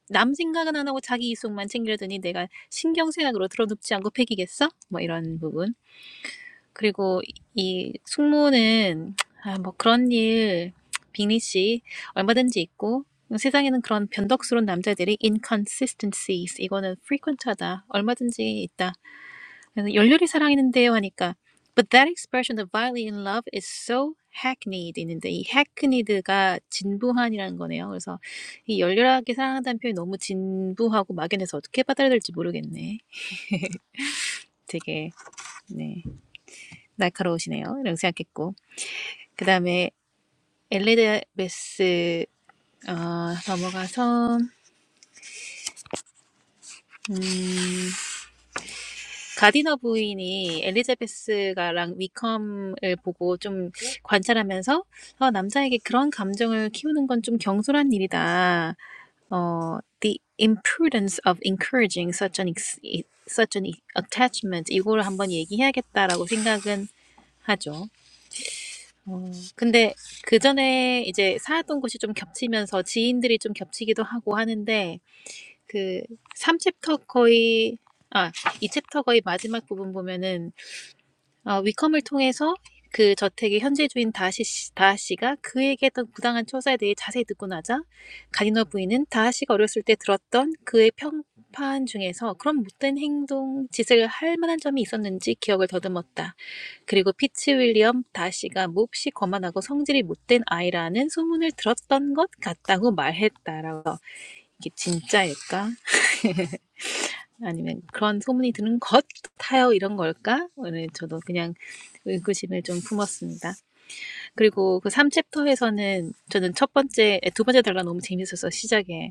[SPEAKER 1] 남 생각은 안 하고 자기 이속만 챙기려더니 내가 신경쇠약으로 들어눕지 않고 패기겠어? 뭐 이런 부분. 그리고 이 숙모는 아, 뭐 그런 일 빅리 씨 얼마든지 있고 세상에는 그런 변덕스러운 남자들이 inconsistencies 이거는 frequent하다 얼마든지 있다 그래서 열렬히 사랑했는데요 하니까 but that expression of violently in love is so hackneyed 있는데 이 hackneyed가 진부한이라는 거네요 그래서 이 열렬하게 사랑한다는 표현이 너무 진부하고 막연해서 어떻게 받아들일지 모르겠네 되게 네 날카로우시네요 이렇게 생각했고 그 다음에 엘리자베스 어, 넘어가서 음, 가디너 부인이 엘리자베스가랑 위컴을 보고 좀 관찰하면서 어, 남자에게 그런 감정을 키우는 건 좀 경솔한 일이다. 어, the imprudence of encouraging such an ex- such an attachment 이거를 한번 얘기해야겠다라고 생각은 하죠. 어, 근데 그 전에 이제 살았던 곳이 좀 겹치면서 지인들이 좀 겹치기도 하고 하는데 그 삼 챕터 거의 아, 이 챕터 거의 마지막 부분 보면은 어, 위컴을 통해서 그 저택의 현재 주인 다하시, 다하씨가 그에게 했던 부당한 처사에 대해 자세히 듣고 나자 가디너 부인은 다하씨가 어렸을 때 들었던 그의 평판 중에서 그런 못된 행동, 짓을 할 만한 점이 있었는지 기억을 더듬었다. 그리고 피치 윌리엄 다하씨가 몹시 거만하고 성질이 못된 아이라는 소문을 들었던 것 같다고 말했다라고 이게 진짜일까? 아니면 그런 소문이 드는 것 같아요. 이런 걸까? 오늘 저도 그냥 의구심을 좀 품었습니다. 그리고 그 삼 챕터에서는 저는 첫 번째, 두 번째 달라 너무 재밌었어 시작에.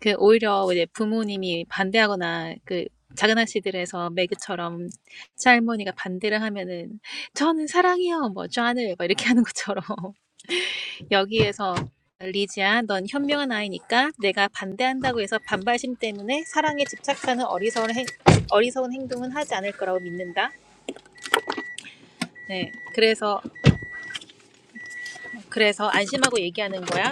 [SPEAKER 1] 그 오히려 이제 부모님이 반대하거나 그 작은 아씨들에서 매그처럼 할머니가 반대를 하면은 저는 사랑해요. 뭐, 쟈을 막 이렇게 하는 것처럼 여기에서 리지아, 넌 현명한 아이니까 내가 반대한다고 해서 반발심 때문에 사랑에 집착하는 어리석은, 행, 어리석은 행동은 하지 않을 거라고 믿는다. 네, 그래서 그래서 안심하고 얘기하는 거야.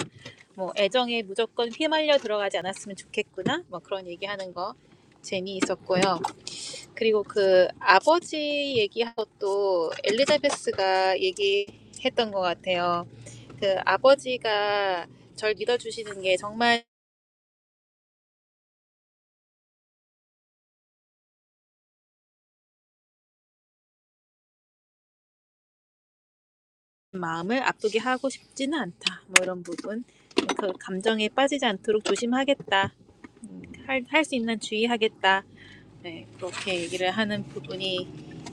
[SPEAKER 1] 뭐 애정에 무조건 휘말려 들어가지 않았으면 좋겠구나. 뭐 그런 얘기하는 거 재미있었고요. 그리고 그 아버지 얘기하고 또 엘리자베스가 얘기했던 것 같아요. 그 아버지가 절 믿어주시는 게 정말 마음을 아프게 하고 싶지는 않다. 뭐 이런 부분. 그 감정에 빠지지 않도록 조심하겠다. 할 할 수 있는 주의하겠다. 네, 그렇게 얘기를 하는 부분이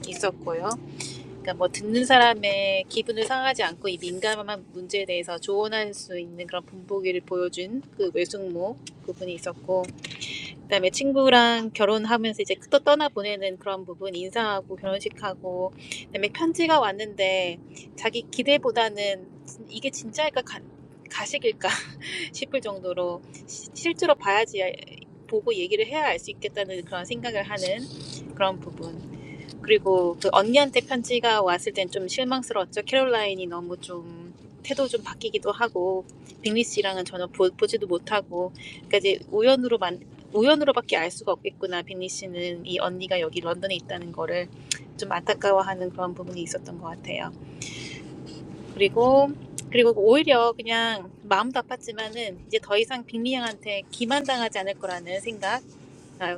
[SPEAKER 1] 있었고요. 그러니까 뭐 듣는 사람의 기분을 상하지 않고 이 민감한 문제에 대해서 조언할 수 있는 그런 본보기를 보여준 그 외숙모 부분이 있었고 그다음에 친구랑 결혼하면서 이제 또 떠나보내는 그런 부분 인사하고 결혼식하고 그다음에 편지가 왔는데 자기 기대보다는 이게 진짜일까 가, 가식일까 싶을 정도로 시, 실제로 봐야지 보고 얘기를 해야 알 수 있겠다는 그런 생각을 하는 그런 부분 그리고 그 언니한테 편지가 왔을 땐 좀 실망스러웠죠. 캐롤라인이 너무 좀 태도 좀 바뀌기도 하고 빅리 씨랑은 전혀 보, 보지도 못하고 그러니까 이제 우연으로만 우연으로밖에 알 수가 없겠구나. 빅리 씨는 이 언니가 여기 런던에 있다는 거를 좀 안타까워하는 그런 부분이 있었던 것 같아요. 그리고 그리고 오히려 그냥 마음도 아팠지만은 이제 더 이상 빅리 양한테 기만당하지 않을 거라는 생각. 아,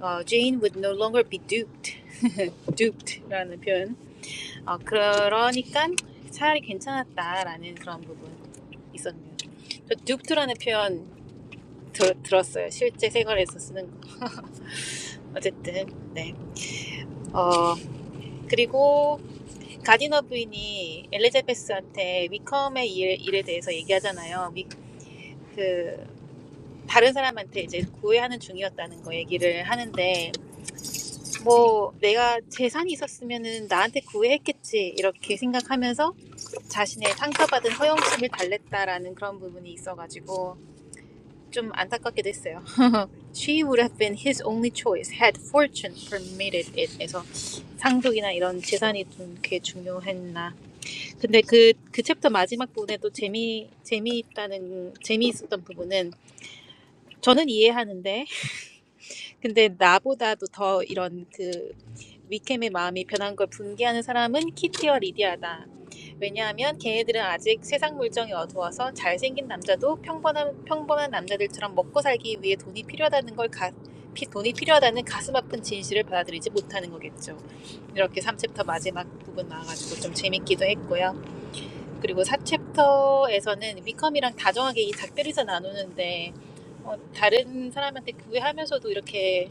[SPEAKER 1] 어, Jane would no longer be duped, duped라는 표현. 어, 그러니까 차라리 괜찮았다라는 그런 부분 있었네요. 저 눕트라는 표현 들, 들었어요. 실제 생활에서 쓰는 거. 어쨌든 네. 어 그리고 가디너 부인이 엘리자베스한테 위컴의 일, 일에 대해서 얘기하잖아요. 위, 그 다른 사람한테 이제 구애하는 중이었다는 거 얘기를 하는데 뭐 내가 재산이 있었으면은 나한테 구애했겠지 이렇게 생각하면서 자신의 상처받은 허영심을 달랬다라는 그런 부분이 있어가지고 좀 안타깝게 됐어요. She would have been his only choice had fortune permitted it. 에서 상속이나 이런 재산이 좀 그게 중요했나. 근데 그, 그 챕터 마지막 부분에도 재미, 재미있다는, 재미있었던 부분은 저는 이해하는데 근데 나보다도 더 이런 그 위캠의 마음이 변한 걸 분개하는 사람은 키티와 리디아다. 왜냐하면 걔네들은 아직 세상 물정이 어두워서 잘생긴 남자도 평범한, 평범한 남자들처럼 먹고 살기 위해 돈이 필요하다는 걸 가, 피, 돈이 필요하다는 가슴 아픈 진실을 받아들이지 못하는 거겠죠. 이렇게 3챕터 마지막 부분 나와가지고 좀 재밌기도 했고요. 그리고 사 챕터에서는 위컴이랑 다정하게 이 작별에서 나누는데 어, 다른 사람한테 구애하면서도 이렇게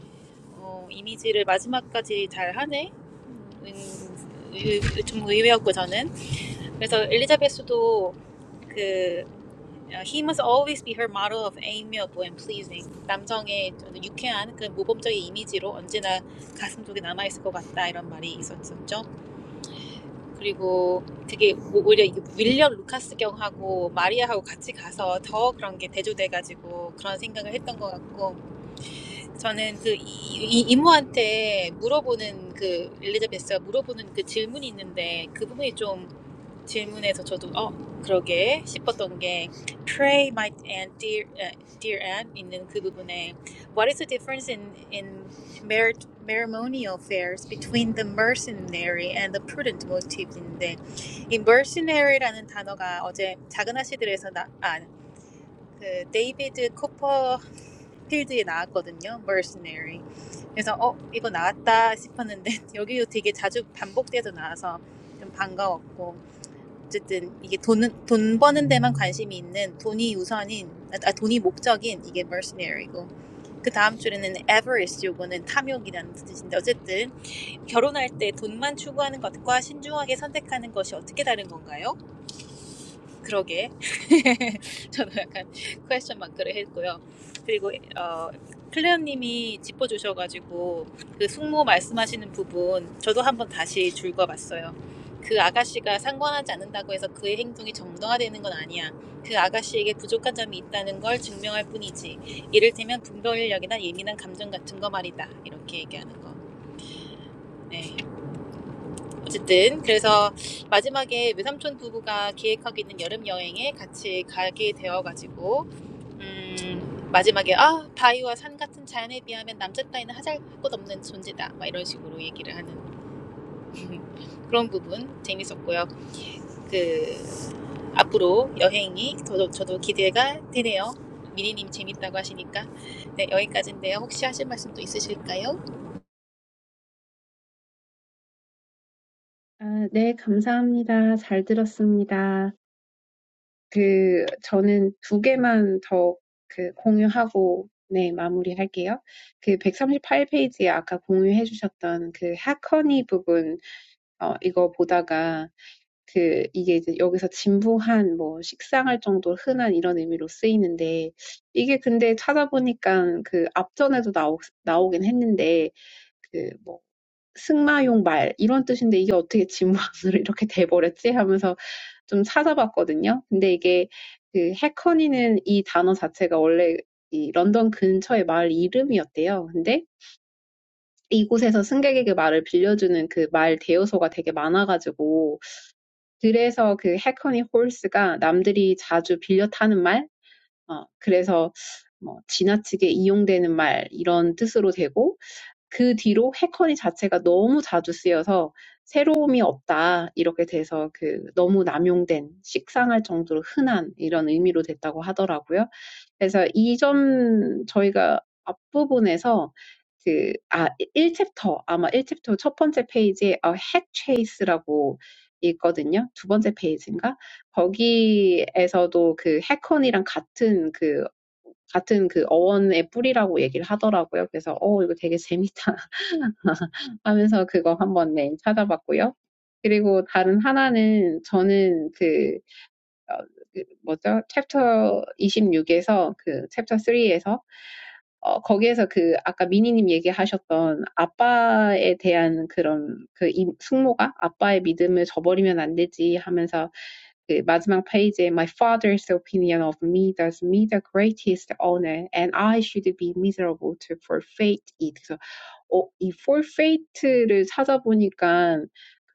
[SPEAKER 1] 어, 이미지를 마지막까지 잘 하네? 음, 의- 의- 좀 의외였고 저는 그래서 엘리자베스도 그 어, He must always be her model of amiable and pleasing. 남성의 좀 유쾌한 그 모범적인 이미지로 언제나 가슴 속에 남아 있을 것 같다 이런 말이 있었죠. 그리고 되게 오히려 윌리엄 루카스 경하고 마리아하고 같이 가서 더 그런 게 대조돼가지고 그런 생각을 했던 것 같고 저는 그 이, 이 이모한테 물어보는 그 엘리자베스가 물어보는 그 질문이 있는데 그 부분이 좀 질문에서 저도 어 그러게 싶었던 게 pray my aunt dear uh, dear aunt 있는 그 부분에 what is the difference in in mer- Merrimonial fairs between the mercenary and the prudent motives 인데 이 mercenary라는 단어가 어제 작은 아씨들에서 나아그 데이비드 코퍼필드에 나왔거든요 mercenary 그래서 어 이거 나왔다 싶었는데 여기도 되게 자주 반복돼서 나와서 좀 반가웠고 어쨌든 이게 돈돈 버는 데만 관심이 있는 돈이 우선인 아, 아, 돈이 목적인 이게 mercenary고 그 다음 줄에는 avarice 요거는 탐욕이라는 뜻인데 어쨌든 결혼할 때 돈만 추구하는 것과 신중하게 선택하는 것이 어떻게 다른 건가요? 그러게 저도 약간 퀘스천 마크를 했고요. 그리고 어, 클레어님이 짚어주셔가지고 그 숙모 말씀하시는 부분 저도 한번 다시 줄거봤어요. 그 아가씨가 상관하지 않는다고 해서 그의 행동이 정당화되는 건 아니야. 그 아가씨에게 부족한 점이 있다는 걸 증명할 뿐이지. 이를테면 분별력이나 예민한 감정 같은 거 말이다. 이렇게 얘기하는 거. 네. 어쨌든 그래서 마지막에 외삼촌 부부가 기획하고 있는 여름 여행에 같이 가게 되어가지고 음, 마지막에 아 바위와 산 같은 자연에 비하면 남자 따위는 하잘 것 없는 존재다 막 이런 식으로 얘기를 하는 그런 부분 재밌었고요. 그 앞으로 여행이 저도 저도 기대가 되네요. 미리님 재밌다고 하시니까 네 여기까지인데요. 혹시 하실 말씀도 있으실까요?
[SPEAKER 3] 아, 네, 감사합니다. 잘 들었습니다. 그 저는 두 개만 더그 공유하고 네, 마무리할게요. 그 138 페이지에 아까 공유해 주셨던 그 하커니 부분 어 이거 보다가 그 이게 이제 여기서 진부한 뭐 식상할 정도로 흔한 이런 의미로 쓰이는데 이게 근데 찾아보니까 그 앞전에도 나오, 나오긴 했는데 그뭐 승마용 말 이런 뜻인데 이게 어떻게 진문으로 이렇게 돼버렸지? 하면서 좀 찾아봤거든요. 근데 이게 그 해커니는 이 단어 자체가 원래 이 런던 근처의 마을 이름이었대요. 근데 이곳에서 승객에게 말을 빌려주는 그 말 대여소가 되게 많아가지고 그래서 그 해커니 홀스가 남들이 자주 빌려 타는 말, 어, 그래서 뭐 지나치게 이용되는 말 이런 뜻으로 되고 그 뒤로 해커리 자체가 너무 자주 쓰여서 새로움이 없다. 이렇게 돼서 그 너무 남용된, 식상할 정도로 흔한 이런 의미로 됐다고 하더라고요. 그래서 이 점 저희가 앞부분에서 그, 아, 1챕터, 아마 1챕터 첫 번째 페이지에 어, 핵체이스라고 있거든요. 두 번째 페이지인가? 거기에서도 그 해컨이랑 같은 그 같은 그 어원의 뿌리라고 얘기를 하더라고요. 그래서 어 이거 되게 재밌다. 하면서 그거 한번 네, 찾아봤고요. 그리고 다른 하나는 저는 그, 어, 그 뭐죠? 챕터 26에서 그 챕터 3에서 어, 거기에서 그 아까 미니님 얘기하셨던 아빠에 대한 그런 그 인- 숙모가 아빠의 믿음을 저버리면 안 되지 하면서 그 마지막 페이지에 My father's opinion of me does me the greatest honor and I should be miserable to forfeit it. 그래서 어, 이 forfeit를 찾아보니까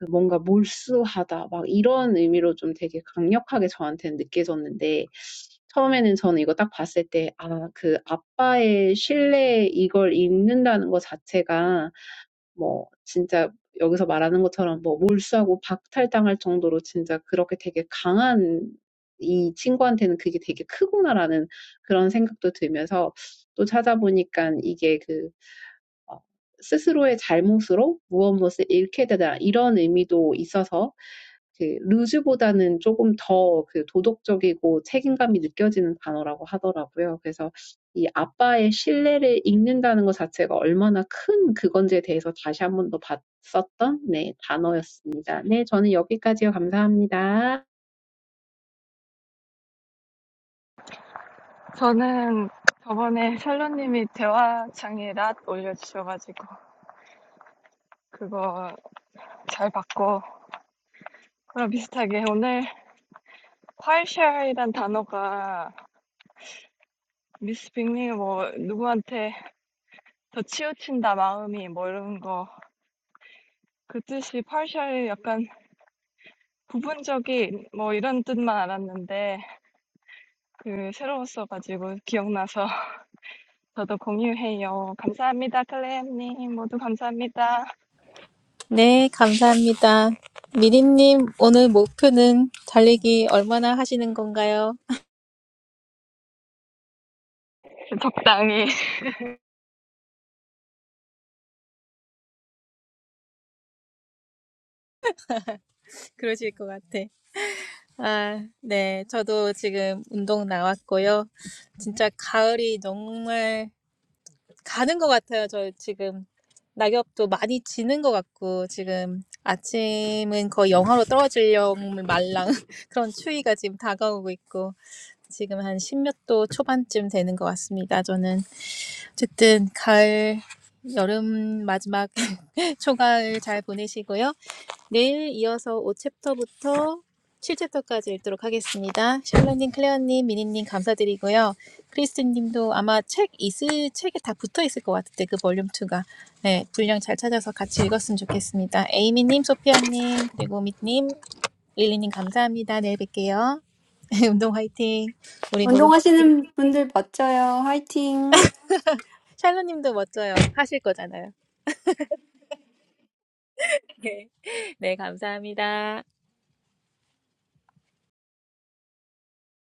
[SPEAKER 3] 뭔가 몰수하다 막 이런 의미로 좀 되게 강력하게 저한테는 느껴졌는데 처음에는 저는 이거 딱 봤을 때 아, 그 아빠의 신뢰 이걸 읽는다는 것 자체가 뭐 진짜 여기서 말하는 것처럼 뭐 몰수하고 박탈당할 정도로 진짜 그렇게 되게 강한 이 친구한테는 그게 되게 크구나라는 그런 생각도 들면서 또 찾아보니까 이게 그 어, 스스로의 잘못으로 무엇 무엇을 잃게 되다 이런 의미도 있어서 그 루즈보다는 조금 더 그 도덕적이고 책임감이 느껴지는 단어라고 하더라고요. 그래서 이 아빠의 신뢰를 잃는다는 것 자체가 얼마나 큰 그건지에 대해서 다시 한 번더 봤었던 네, 단어였습니다. 네, 저는 여기까지요. 감사합니다.
[SPEAKER 4] 저는 저번에 샬롯님이 대화창에 랏 올려주셔가지고 그거 잘 봤고 그랑 비슷하게 오늘 콰이샤이란 단어가 미스 빅리 뭐 누구한테 더 치우친다 마음이 뭐 이런 거 그 뜻이 콰이샤이 약간 부분적인 뭐 이런 뜻만 알았는데 그 새로웠어가지고 기억나서 저도 공유해요. 감사합니다 클레임님 모두 감사합니다.
[SPEAKER 1] 네, 감사합니다. 미리님, 오늘 목표는 달리기 얼마나 하시는 건가요?
[SPEAKER 4] 적당히
[SPEAKER 1] 그러실 것 같아. 아, 네, 저도 지금 운동 나왔고요. 진짜 가을이 정말 가는 것 같아요. 저 지금 낙엽도 많이 지는 것 같고, 지금 아침은 거의 영하로 떨어지려 말랑 그런 추위가 지금 다가오고 있고, 지금 한 십몇 도 초반쯤 되는 것 같습니다. 저는 어쨌든 가을, 여름 마지막 초가을 잘 보내시고요. 내일 이어서 5챕터부터 7챕터까지 읽도록 하겠습니다. 샬롯님, 클레어님, 미니님 감사드리고요. 크리스틴님도 아마 책 있을 책에 다 붙어 있을 것 같은데 그 볼륨 2가 네 분량 잘 찾아서 같이 읽었으면 좋겠습니다. 에이미님, 소피아님, 그리고 미님, 릴리님 감사합니다. 내일 뵐게요. 운동 화이팅. 우리 모두
[SPEAKER 2] 운동하시는 분들 멋져요. 화이팅!
[SPEAKER 1] 샬롯님도 멋져요. 하실 거잖아요. 네 감사합니다.